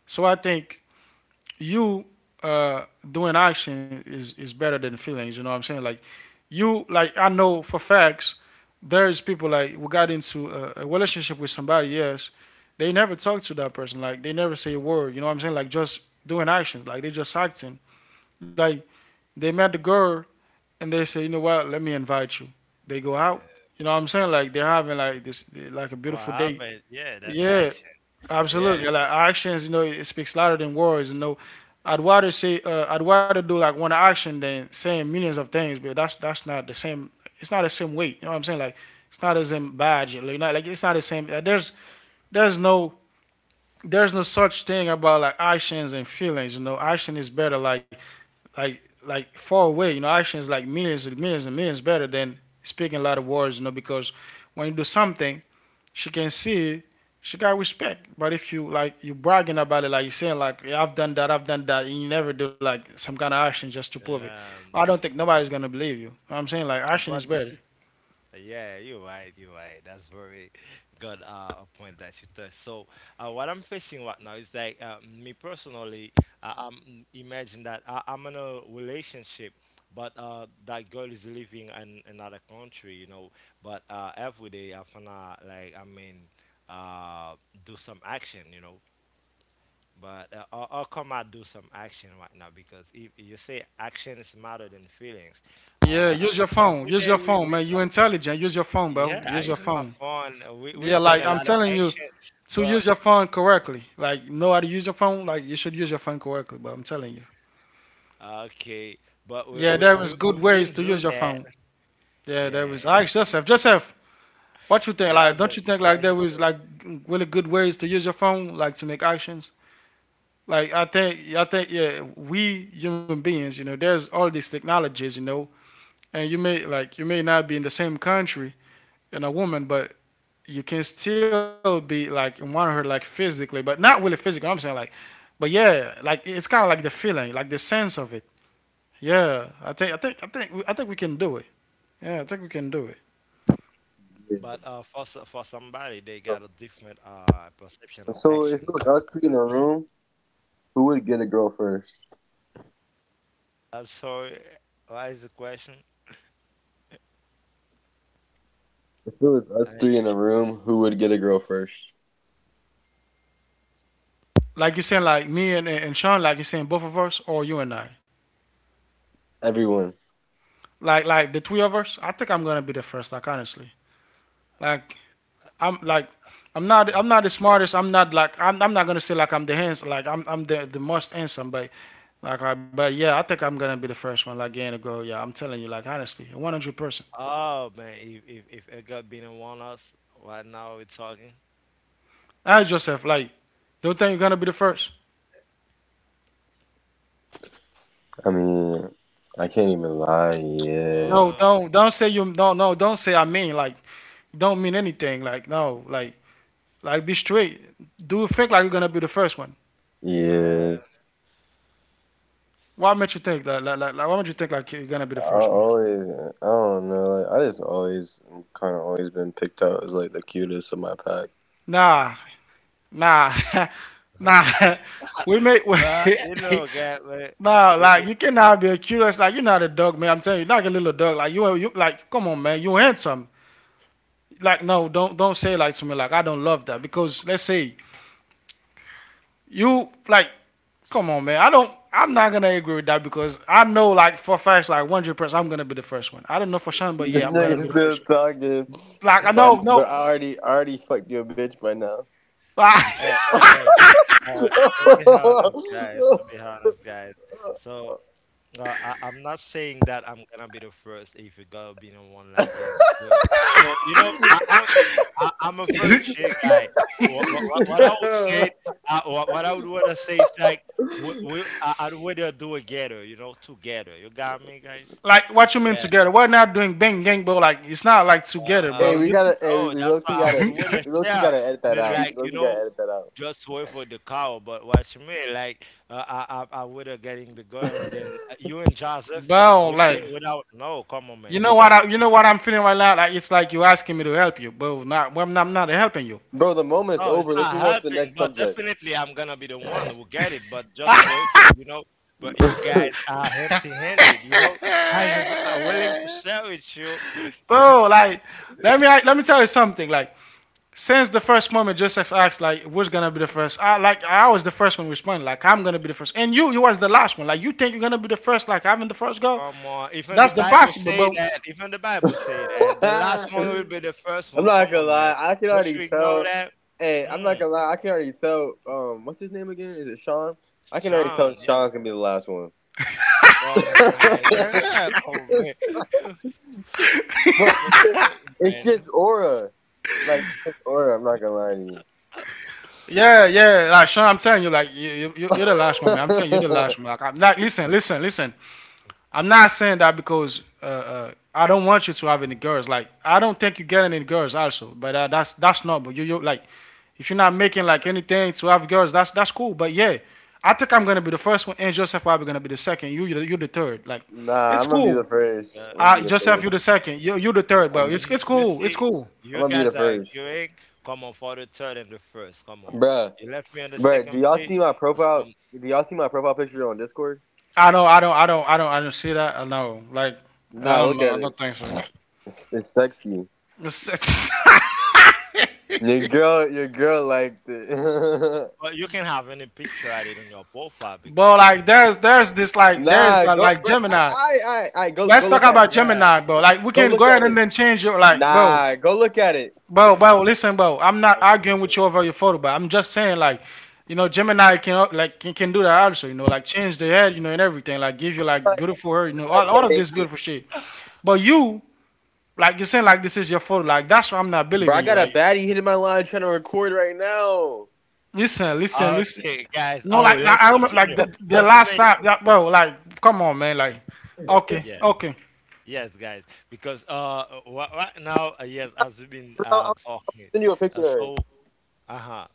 B: So I think you uh doing action is better than feelings. You know what I'm saying? Like you like I know for facts there's people like who got into a relationship with somebody, yes, they never talk to that person, like they never say a word, you know what I'm saying, like just doing actions, like they just acting like they met the girl and they say, you know what, let me invite you, they go out,
A: yeah.
B: you know what I'm saying, like they're having like this like a
A: What
B: beautiful date,
A: happened? Yeah, that's
B: yeah.
A: action. Yeah.
B: Absolutely, like actions, you know, it speaks louder than words. You know, I'd rather say, I'd rather do like one action than saying millions of things, but that's not the same. It's not the same weight. You know what I'm saying? Like, it's not the same badge. Like, not like it's not the same. Like, there's no there's no such thing about like actions and feelings. You know, action is better. Like far away. You know, action is like millions and millions and millions better than speaking a lot of words. You know, because when you do something, she can see she got respect. But if you like you bragging about it, like you saying like yeah, I've done that, and you never do like some kind of action just to prove it, I
A: Um,
B: don't think nobody's gonna believe you. You know what I'm saying, like action is
A: but this
B: better.
A: is yeah, you're right. You're right. That's very good a point that you touched. So, what I'm facing right now is like me personally, I'm imagine that I'm in a relationship, but that girl is living in another country, you know. But every day I wanna like I mean, uh, do some action, you know. But how come I do some action right now? Because if you say action is matter than feelings,
B: Yeah,
A: uh,
B: use your phone.
A: every
B: Use your
A: day we
B: phone,
A: we
B: man. You
A: talking.
B: intelligent. Use your phone, bro.
A: Yeah, I
B: Use your
A: use my
B: phone.
A: phone. We
B: Yeah,
A: we've done
B: like
A: a
B: I'm
A: lot of
B: telling you,
A: action,
B: to
A: but
B: use your phone correctly, like know how to use your phone, like you should use your phone correctly. But I'm telling you,
A: okay, but we
B: yeah,
A: we
B: there is
A: we
B: good
A: we've been
B: ways to
A: through
B: use your
A: that.
B: phone. Yeah, there
A: Yeah,
B: is. I asked Joseph, Joseph, what you think? Like, don't you
A: Joseph,
B: think
A: I
B: like there
A: should
B: was
A: say.
B: like really good ways to use your phone, like to make actions? Like yeah, we human beings, you know, there's all these technologies, you know, and you may not be in the same country and a woman, but you can still be like in one of her like physically, but not really physical. I'm saying like, but yeah, like it's kind of like the feeling, like the sense of it. Yeah, I think we can do it. Yeah, I think we can do it.
A: But for somebody, they got a different perception of action. But mhm. I'm sorry. What is the question? I,
B: Like you saying like me and Sean, like you saying both of us or you and I. Like the three of us, I think I'm gonna be the first. Like honestly, like I'm like I'm not
A: uh,
B: I'm not the smartest. I'm not gonna say like I'm the most handsome, but yeah, I think I'm gonna be the first one like getting a goal. Yeah, I'm telling you like honestly, 100%.
A: oh man, if Edgar Bina want us, right now we're talking.
B: Ask yourself like, don't think you're gonna be the first. No,
A: Oh
B: don't say you no no don't say I mean like, don't mean anything like no like like be straight. Do you think like you're gonna be the first one?
A: yeah,
B: Why made you think that like why would you think like you're gonna be the first one? Nah, nah, nah. We make we,
A: but you know, guy, man,
B: nah.
A: it,
B: Like
A: it,
B: you cannot be a curious. Like you're not a dog, man. I'm telling you, you're like a little dog. Like you like. Come on, man. You handsome. Like no, don't say like to me like I don't love that because let's say you like. Come on, man. I don't. I'm not gonna agree with that because I know like for facts like 100% I'm gonna be the first one. I don't know for sure, but yeah, I'm gonna be the first one. Like I know no.
A: hey, hey, hey. Uh, to be honest, guys, to be honest, guys. So I'm not saying that I'm gonna be the first if you gotta be the one like getting good. So you know, I'm a very chill guy. What I would say, what I would wanna say is like I'd rather do it together, you know, together. You got me, guys?
B: Like what you mean together? We're not doing bang gang, but like it's not like together,
A: Uh,
B: bro. You,
A: no, that's why I would wait a share then like you know just wait for the cow. But what you mean, like I would have getting the girl and then you and Joseph
B: bro, like
A: without no come on
B: you
A: man
B: know what
A: because
B: I, you know what I'm feeling right now. Like it's like you asking me to help you, bro. Not, well, I'm not helping you,
A: no it's not helping. But definitely I'm gonna be the one who get it. But just wait for you know. But you guys are empty-handed, you know. I just are willing to share with you.
B: bro. Like let me tell you something. Like since the first moment, Joseph asked, like who's gonna be the first? I was the first one responding. Like I'm gonna be the first, and you was the last one. Like you think you're gonna be the first? Like having the first go,
A: Come on. Even the
B: that's
A: Bible
B: impossible,
A: say
B: bro.
A: that. Even the Bible say that. The last one will be the first one. Come on, man. Don't you ignore that? Mm, Sean, yeah. Come on, man. Yeah, come on, man. I'll be the first one, man.
B: Yeah, yeah, like Sean, I'm telling you, like are the last one, man. I'm telling you, you're the last one. Like I'm not. Listen. I'm not saying that because I don't want you to have any girls. Like I don't think you get any girls, also. But that's not. But you like, if you're not making like anything to have girls, that's cool. But yeah, I think I'm gonna be the first one, and Joseph probably gonna be the second. You're the third. Like, it's cool.
A: But
B: I Joseph,
A: come
B: you're
A: on,
B: the second.
A: man.
B: You're the
A: You,
B: third, but
A: you
B: it's
A: you
B: cool. It's
A: see,
B: cool.
A: you guys are arguing. Come on, for the third and the first. Come on. You left me on the second place. But, some,
B: I don't see that. I know, like, I don't know. I don't think so. It's- it's-
A: but you can have any picture added on your profile because,
B: but
A: come
B: like,
A: on, profile.
B: there's like Gemini. Let's talk about
A: Yeah,
B: Gemini,
A: come
B: bro.
A: on,
B: Like, we can go
A: man.
B: ahead and then change your, like, bro. Listen, bro. I'm not
A: Okay,
B: arguing with
A: so
B: you over your photo, but I'm just saying, like, you know, Gemini can, like, can do that also. You know, like, change the head, you know, and everything. Like, give you like beautiful hair, you know, all of this beautiful shit. But like you're saying, like this is your photo. Like that's why I'm not believing you. Like listen, listen.
A: okay, guys.
B: No,
A: Oh,
B: like
A: let's
B: I remember, like
A: continue.
B: the
A: As we
B: last time,
A: mentioned,
B: yeah, bro. Like, come on, man. Like, okay,
A: yeah,
B: okay.
A: yes, guys, because right now, yes, as we've been talking, so uh-huh.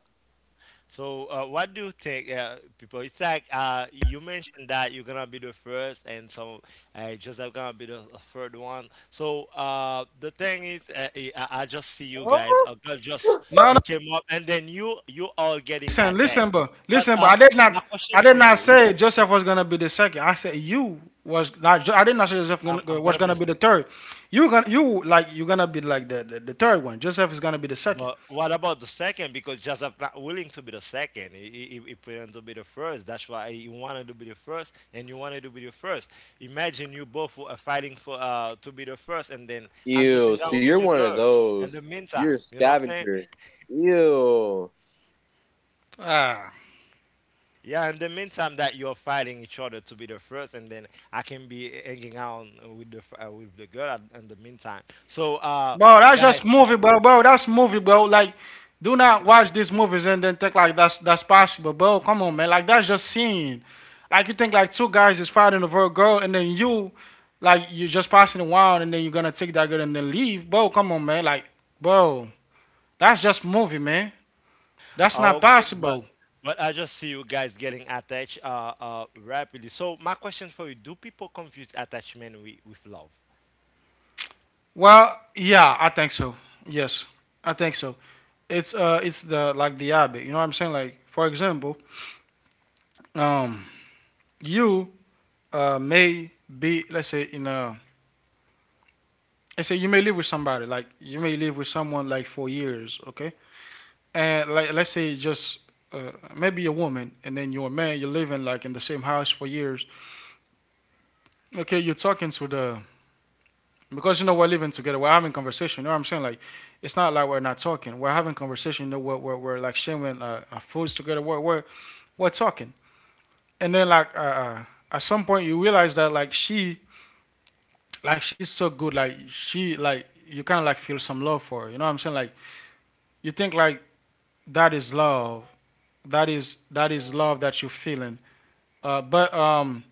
A: So, what do you think, people? It's like you mentioned that you're gonna be the first, and some Joseph gonna be the third one. So, the thing is, I just see you guys. A girl just
B: No, no.
A: came up, and then you all getting
B: Listen,
A: attached. But
B: Listen, bro.
A: my question
B: I did
A: for
B: not
A: you.
B: say Joseph was gonna be the second. I said you was not. I did not say
A: I'm
B: was
A: gonna be the
B: gonna be the
A: second.
B: third. You gonna, you gonna be like the third one. Joseph is gonna be the second.
A: But what about the second? Because Joseph not willing to be the second. He planned to be the first. That's why he wanted to be the first, and you wanted to be the first. Imagine you both were fighting for to be the first, and then I'm just hanging out with your girl. In the meantime, you know what I'm saying?
B: Ah.
A: Yeah. In the meantime, that you're fighting each other to be the first, and then I can be hanging out with, the f- with the girl. In the meantime, so
B: Bro, that's
A: guys.
B: just movie, bro. Bro, that's movie, bro. Like, do not watch these movies and then think like that's possible, bro. Come on, man. Like that's just scene. Like you think like two guys is fighting over a girl and then you just passing around and then you're gonna take that girl and then leave, bro. Come on, man. Like, bro, that's just movie, man. That's not
A: Okay,
B: possible.
A: but I just see you guys getting attached rapidly. So my question for you, do people confuse attachment with love?
B: Well, yeah, I think so. Yes, I think so. It's the like the habit. You know what I'm saying? Like, for example, um, you may be let's say in a let's say you may live with somebody like you may live with someone like for years, okay, and like let's say just maybe a woman, and then you're a man, you're living like in the same house for years, okay, you're talking to the, because you know we're living together, we're having conversation. You know what I'm saying? Like it's not like we're not talking, we're having conversation. You know, we're like sharing our foods together, we're talking, and then like at some point you realize that like she like she's so good. Like she like you kind of like feel some love for her. You know what I'm saying? Like you think like that is love. That is love that you're feeling. But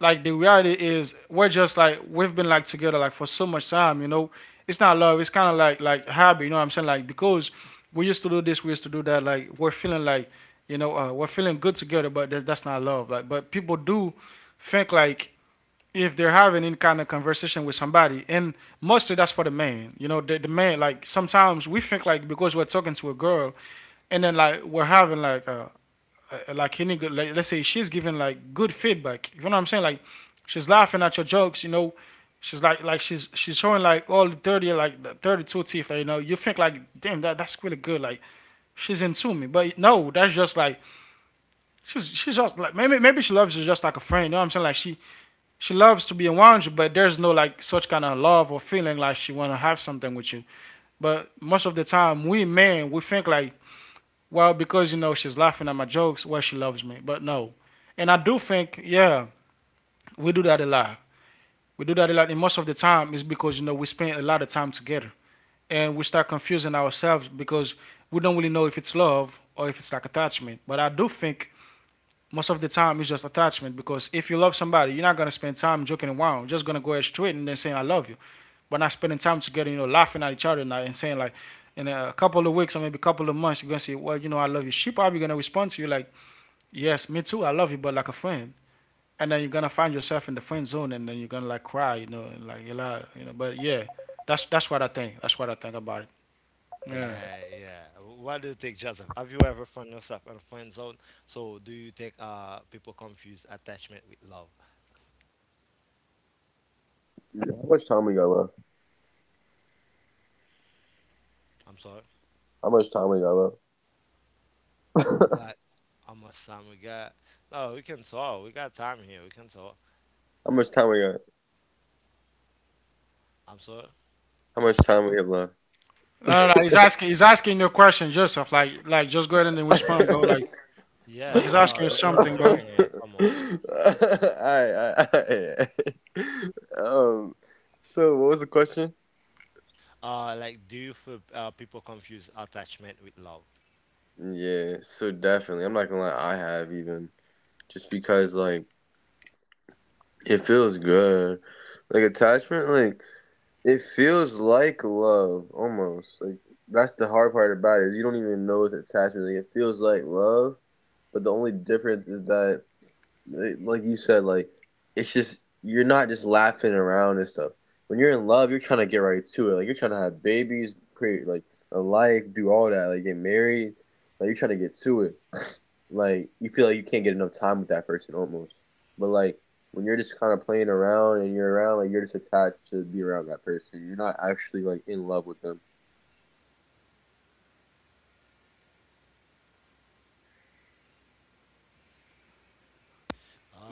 B: like the reality is we're just like we've been like together like for so much time. You know, it's not love. It's kind of like habit. You know what I'm saying? Like because we used to do this, we used to do that. Like we're feeling like you know we're feeling good together, but that's not love. Like but people do think like if they're having any kind of conversation with somebody, and mostly that's for the man. You know, the man. Like sometimes we think like because we're talking to a girl, and then like we're having like any good. Like, let's say she's giving like good feedback. You know what I'm saying? Like she's laughing at your jokes. You know, she's showing like all the 30 like the 32 teeth. Like, you know, you think like damn that that's really good. Like she's into me, but no, that's just like she's just like maybe, maybe she loves you just like a friend. You know what I'm saying? Like she loves to be around you, but there's no like such kind of love or feeling like she want to have something with you. But most of the time, we men we think like, well, because you know she's laughing at my jokes, well she loves me. But no, and I do think, yeah, we do that a lot. We do that a lot, and most of the time it's because you know we spend a lot of time together, and we start confusing ourselves because we don't really know if it's love or if it's like attachment. But I do think most of the time it's just attachment because if you love somebody, you're not gonna spend time joking around. You're just gonna go straight and then saying I love you, but not spending time together. You know, laughing at each other and saying like, in a couple of weeks or maybe a couple of months, you're gonna say, well, you know, I love you. She probably gonna respond to you like, yes, me too, I love you, but like a friend. And then you're gonna find yourself in the friend zone, and then you're gonna like cry, you know, and, like, you know. But yeah, that's what I think. That's what I think about it. Yeah.
A: Yeah, yeah. What do you think, Joseph? Have you ever found yourself in a friend zone? So do you think people confuse attachment with love? I'm sorry. Like how much time we got? No, we can talk. We got time here. We can talk. I'm sorry.
B: No, no, no. He's asking. He's asking you a question, Joseph. Like, just go ahead and then respond, bro. Like
A: Yes,
B: he's asking you
A: let, let's
B: something,
A: do
B: bro.
A: it. Come on. Like do you feel people confuse attachment with love?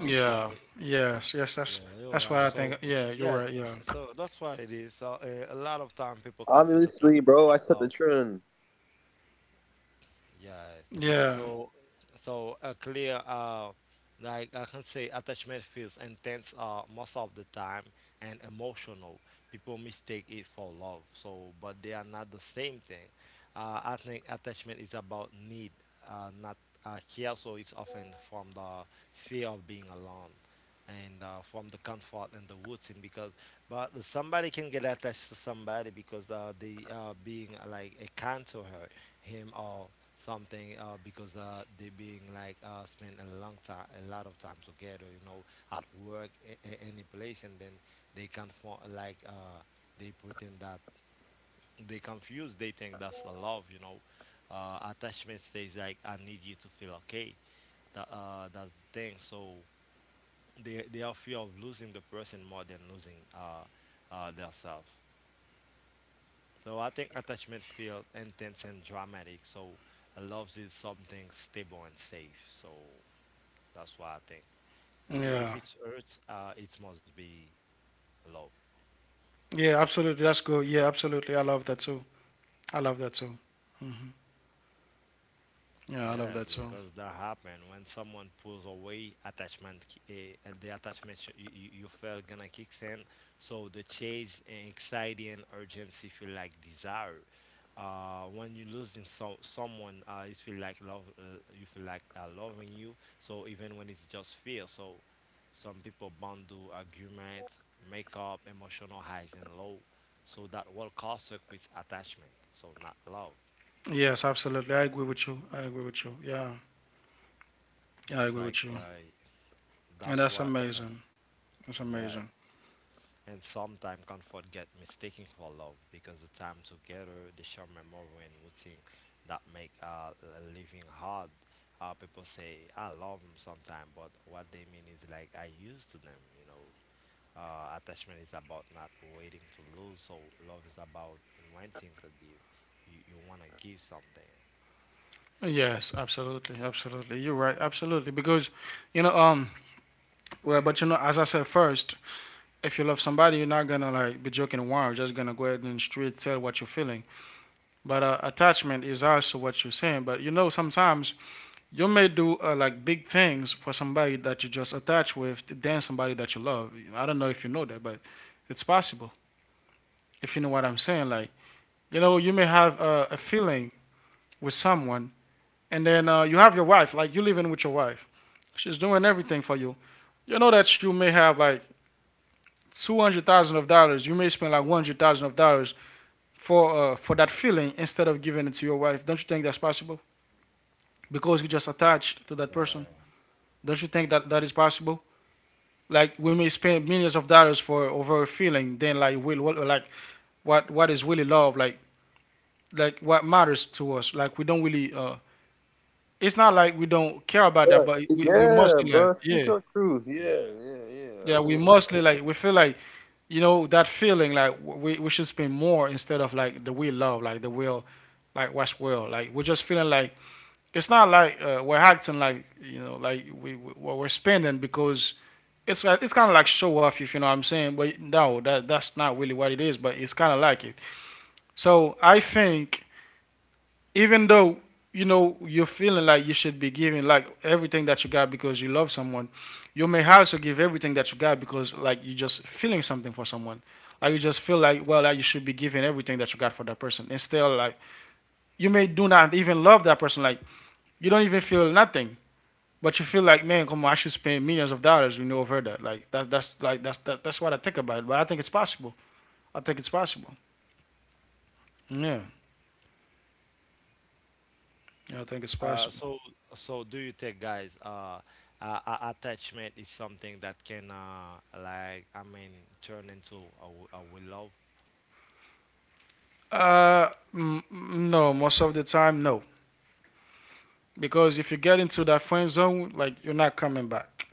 B: Yeah. Yes. Yes.
A: Yeah, you're
B: That's
A: right.
B: what I
A: So,
B: think. Yeah. You're
A: yes,
B: right. Yeah.
A: so that's what it is. So, a lot of time people confuse attachment with love. Yes.
B: Yeah.
A: So, so a clear, like I can say, attachment feels intense most of the time and emotional. People mistake it for love. So, but they are not the same thing. I think attachment is about need, not care. So it's often from the fear of being alone. And from the comfort and the routine, because but somebody can get attached to somebody because they are being like a kind to her, him or something because they being like spend a long time, a lot of time together, you know, at work, any place, and then they can for like they put in that they confuse. They think that's the love, you know. Attachment says like I need you to feel okay. That's the thing. So they are fear of losing the person more than losing their self. So I think attachment feels intense and dramatic. So love is something stable and safe. So that's why I think if
B: Yeah.
A: it hurts, it must be love.
B: Yeah. Absolutely. That's good. Yeah. Absolutely. I love that too. I love that too. Yeah. I love
A: Yes,
B: that too.
A: because that happened when someone pulls away attachment, the attachment you you feel gonna kicks in. So the chase, and anxiety, and urgency feel like desire. When you losing so, someone, you feel like love, you feel like loving you. So even when it's just fear, so some people bundle argument, makeup, emotional highs and low. So that will cause a quick attachment. So not love.
B: Yes. Absolutely. I agree with you. I agree with you. Yeah. Yeah, I
A: It's
B: agree
A: like
B: with you.
A: yeah,
B: And
A: that's
B: that's
A: why,
B: amazing. That's
A: yeah.
B: amazing.
A: And sometimes comfort get mistaken for love because the time together, the shared memory and routine that make living hard. People say I love them sometimes, but what they mean is like I used to them. You know, attachment is about not waiting to lose. So love is about wanting to give. You wanna give something.
B: Yes, absolutely, absolutely. You're right, absolutely. Because, you know, um, well, but as I said first, if you love somebody, you're not gonna like be joking around. You're just gonna go ahead and straight tell what you're feeling. But attachment is also what you're saying. But sometimes you may do like big things for somebody that you just attach with than somebody that you love. I don't know if you know that, but it's possible if you know what I'm saying. Like, you may have a feeling with someone, and then you have your wife, like you living with your wife. She's doing everything for you. You know that you may have like 200,000 of dollars. You may spend like 100,000 of dollars for that feeling instead of giving it to your wife. Don't you think that's possible? Because you just attached to that person.
A: Yeah.
B: Don't you think that that is possible? Like we may spend millions of dollars for over a feeling, then like will what like what is really love? Like what matters to us? Like we don't really. It's not like we don't care about that, but we mostly like, yeah,
A: Yeah.
B: yeah, we mostly like we feel like you know that feeling like we should spend more instead of like the will love like the will like what's will like we're just feeling like it's not like we're acting like you know like we what we're spending because it's kind of like show off, if you know what I'm saying. But no, that's not really what it is. But it's kind of like it. So I think even though you know you're feeling like you should be giving like everything that you got because you love someone, you may also give everything that you got because like you're just feeling something for someone. Like you just feel like well, like you should be giving everything that you got for that person. Instead, like you may do not even love that person. Like you don't even feel nothing. But you feel like, man, come on, I should spend millions of dollars. We know I've heard that. Like that's like that's what I think about it. But I think it's possible. I think it's possible. Yeah, I think it's
A: Uh,
B: possible.
A: so, so do you think, guys, attachment is something that can, like, I mean, turn into a, a will love,
B: Uh, m- no, most of the time, no. Because if you get into that friend zone, like you're not coming back.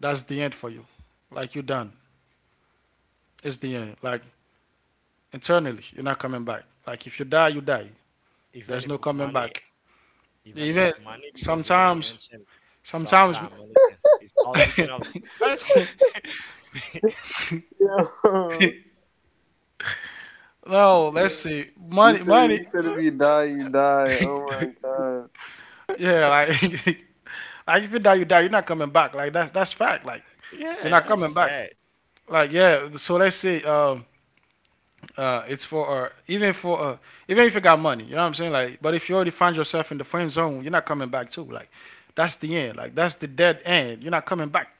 B: That's the end for you. Like you're done. It's the end. Like internally, you're not coming back. Like if you die, you die.
A: even
B: There's no
A: if with
B: coming
A: money,
B: back.
A: even if
B: Even
A: with money, because you may
B: sometimes,
A: mention
B: sometimes.
A: sometime money can, it's all depend on the person.
B: No, let's see. Money, money, yeah, like, like if you die, you die. You're not coming back. Like that's fact. Like you're
A: Yeah,
B: not
A: that's
B: coming back.
A: fair.
B: Like yeah. So let's say, it's for, even for even if you got money, you know what I'm saying. Like but if you already find yourself in the friend zone, you're not coming back too. Like that's the end. Like that's the dead end. You're not coming back.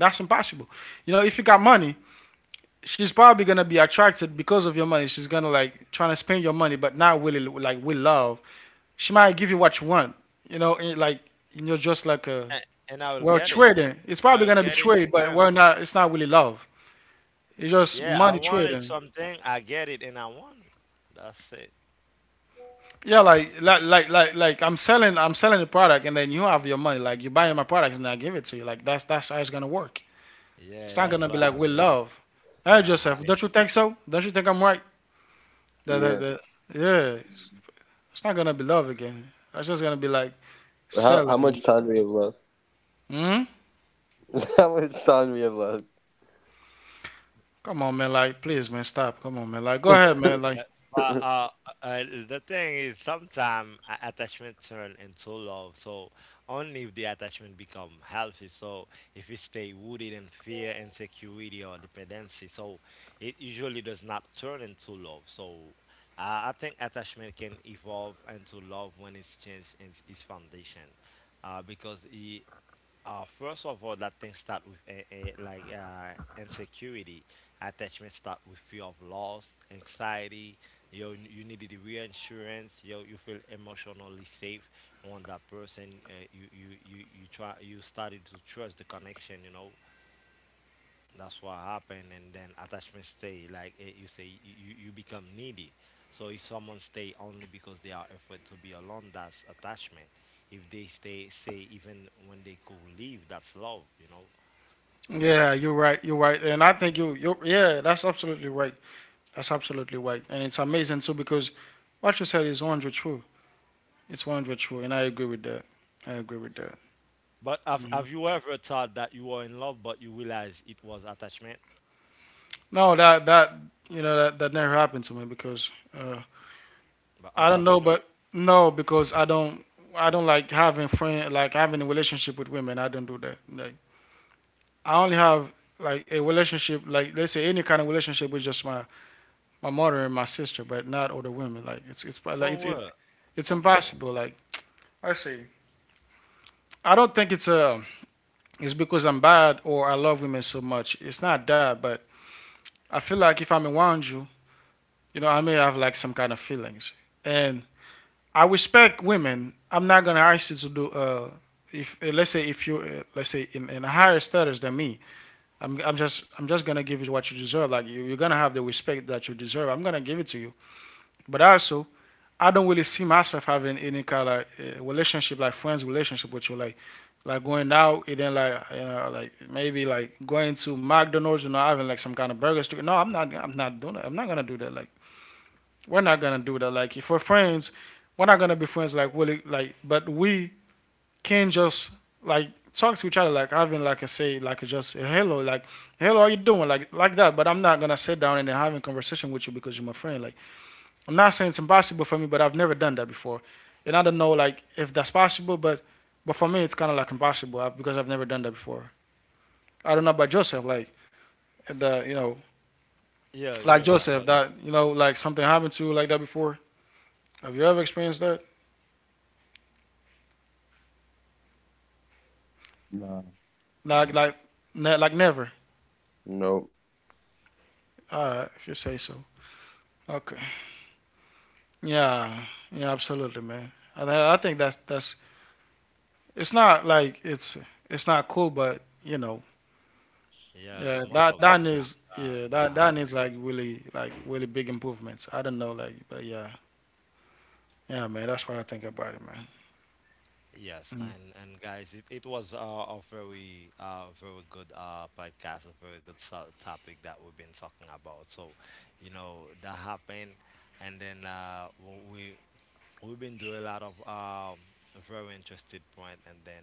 B: That's impossible. You know if you got money. She's probably gonna be attracted because of your money. She's gonna like trying to spend your money, but not really like with love. She might give you what you want, you know, and you're just like a
A: And, and I will
B: well,
A: get it.
B: trading. It's probably
A: I will
B: gonna be
A: get it
B: trade,
A: and
B: but
A: done.
B: we're not. It's not really love. It's just
A: Yeah, I
B: money
A: wanted
B: trading.
A: something, I get it, and I won. That's it.
B: Yeah, like I'm selling the product, and then you have your money. Like you buy my products, and I give it to you. Like that's how it's gonna work.
A: Yeah,
B: It's not
A: that's
B: gonna be like
A: why I
B: with
A: mean.
B: love. Hey,
A: Uh-huh.
B: Joseph, don't you think so? Don't you think I'm right? That. Yeah, it's not gonna be love again. It's just gonna be like selling. You know? Hmm. Come on, man. Like, please, man, stop. Come on, man. Like, go ahead, man. Like.
A: Yeah, but the thing is, sometimes attachment turn into love. So only if the attachment become healthy. So if we stay rooted in fear, insecurity, or dependency, so it usually does not turn into love. So I think attachment can evolve into love when it's changed in its foundation, because it first of all, that thing start with insecurity. Attachment start with fear of loss, anxiety. You needed the reinsurance. You feel emotionally safe on that person. You started to trust the connection. You know, that's what happened and then attachment stay like eh, you say you, you become needy. So if someone stay only because they are afraid to be alone, that's attachment. If they stay say even when they could leave, that's love, you know.
B: Yeah, you're right. You're right, and I think you. Yeah, that's absolutely right. That's absolutely right, and it's amazing too because what you said is 100 true. It's 100 true, and I agree with that. I agree with that.
A: But
B: Hmm.
A: have you ever thought that you were in love but you realize it was attachment?
B: No, that that you know that that never happened to me because uh,
A: But how
B: I don't
A: come you
B: know,
A: know?
B: but no, because I don't like having friend like having a relationship with women. I don't do that. Like I only have like a relationship like let's say any kind of relationship with just my mother and my sister, but not other women. Like it's like it's.
A: For what?
B: It's
A: Come on.
B: impossible. Like I see. I don't think it's because I'm bad or I love women so much. It's not that, but I feel like if I'm around you, you know, I may have like some kind of feelings. And I respect women. I'm not gonna ask you to do if let's say if you let's say in a higher status than me, I'm just gonna give you what you deserve. Like you're gonna have the respect that you deserve. I'm gonna give it to you. But also, I don't really see myself having any kind of like, relationship, like friends relationship with you, like going out and then like like maybe like going to McDonald's, you know, having like some kind of burgers. No, I'm not. I'm not doing that. I'm not gonna do that. Like we're not gonna do that. Like if we're friends, we're not gonna be friends. Like really, like but we can just like talk to each other, like having like a say, like just a hello, like hello, how you doing, like that. But I'm not gonna sit down and then having a conversation with you because you're my friend, like. I'm not saying it's impossible for me, but I've never done that before, and I don't know like if that's possible, but for me it's kind of like impossible because I've never done that before. I don't know about Joseph, like the you know
A: Yeah,
B: like
A: Joseph, but
B: Joseph that you know like something happened to you like that before. Have you ever experienced that? Like like never. If you say so. Okay. Yeah. Yeah. Absolutely, man. I think that's. It's not like it's not cool, but you know.
A: yes
B: Yeah,
A: most of
B: that
A: the
B: that
A: time
B: needs, yeah,
A: that,
B: that
A: that
B: that needs really big improvements. I don't know like but yeah, yeah, man, that's what I think about it, man.
A: yes,
B: Mm.
A: and guys, it was a very very good podcast, a very good topic that we've been talking about. So, you know, that happened, and then we we've been doing a lot of very interested point and then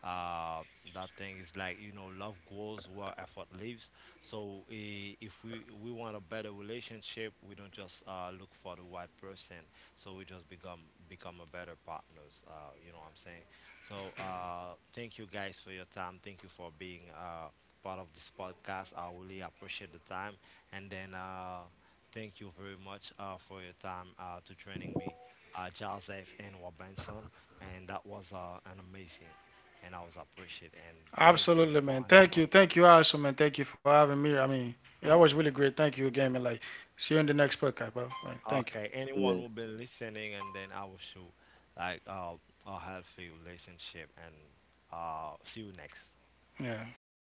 A: uh that thing is like you know love grows where effort lives. So if we we want a better relationship, we don't just look for the right person. So we just become become a better partners, you know what I'm saying. So thank you guys for your time. Thank you for being part of this podcast. I really appreciate the time and then thank you very much for your time to training me, Joseph and Robinson, and that was an amazing, and I was appreciate and thank you
B: Absolutely,
A: for
B: man. Thank
A: anyone.
B: you, thank you, Alison, man. Thank you for having me. I mean that was really great. Thank you again, man. Like see you in the next podcast, bro. Like thank you.
A: Okay, anyone who been listening, and then I will show like a healthy relationship, and see you next.
B: Yeah, bye bye.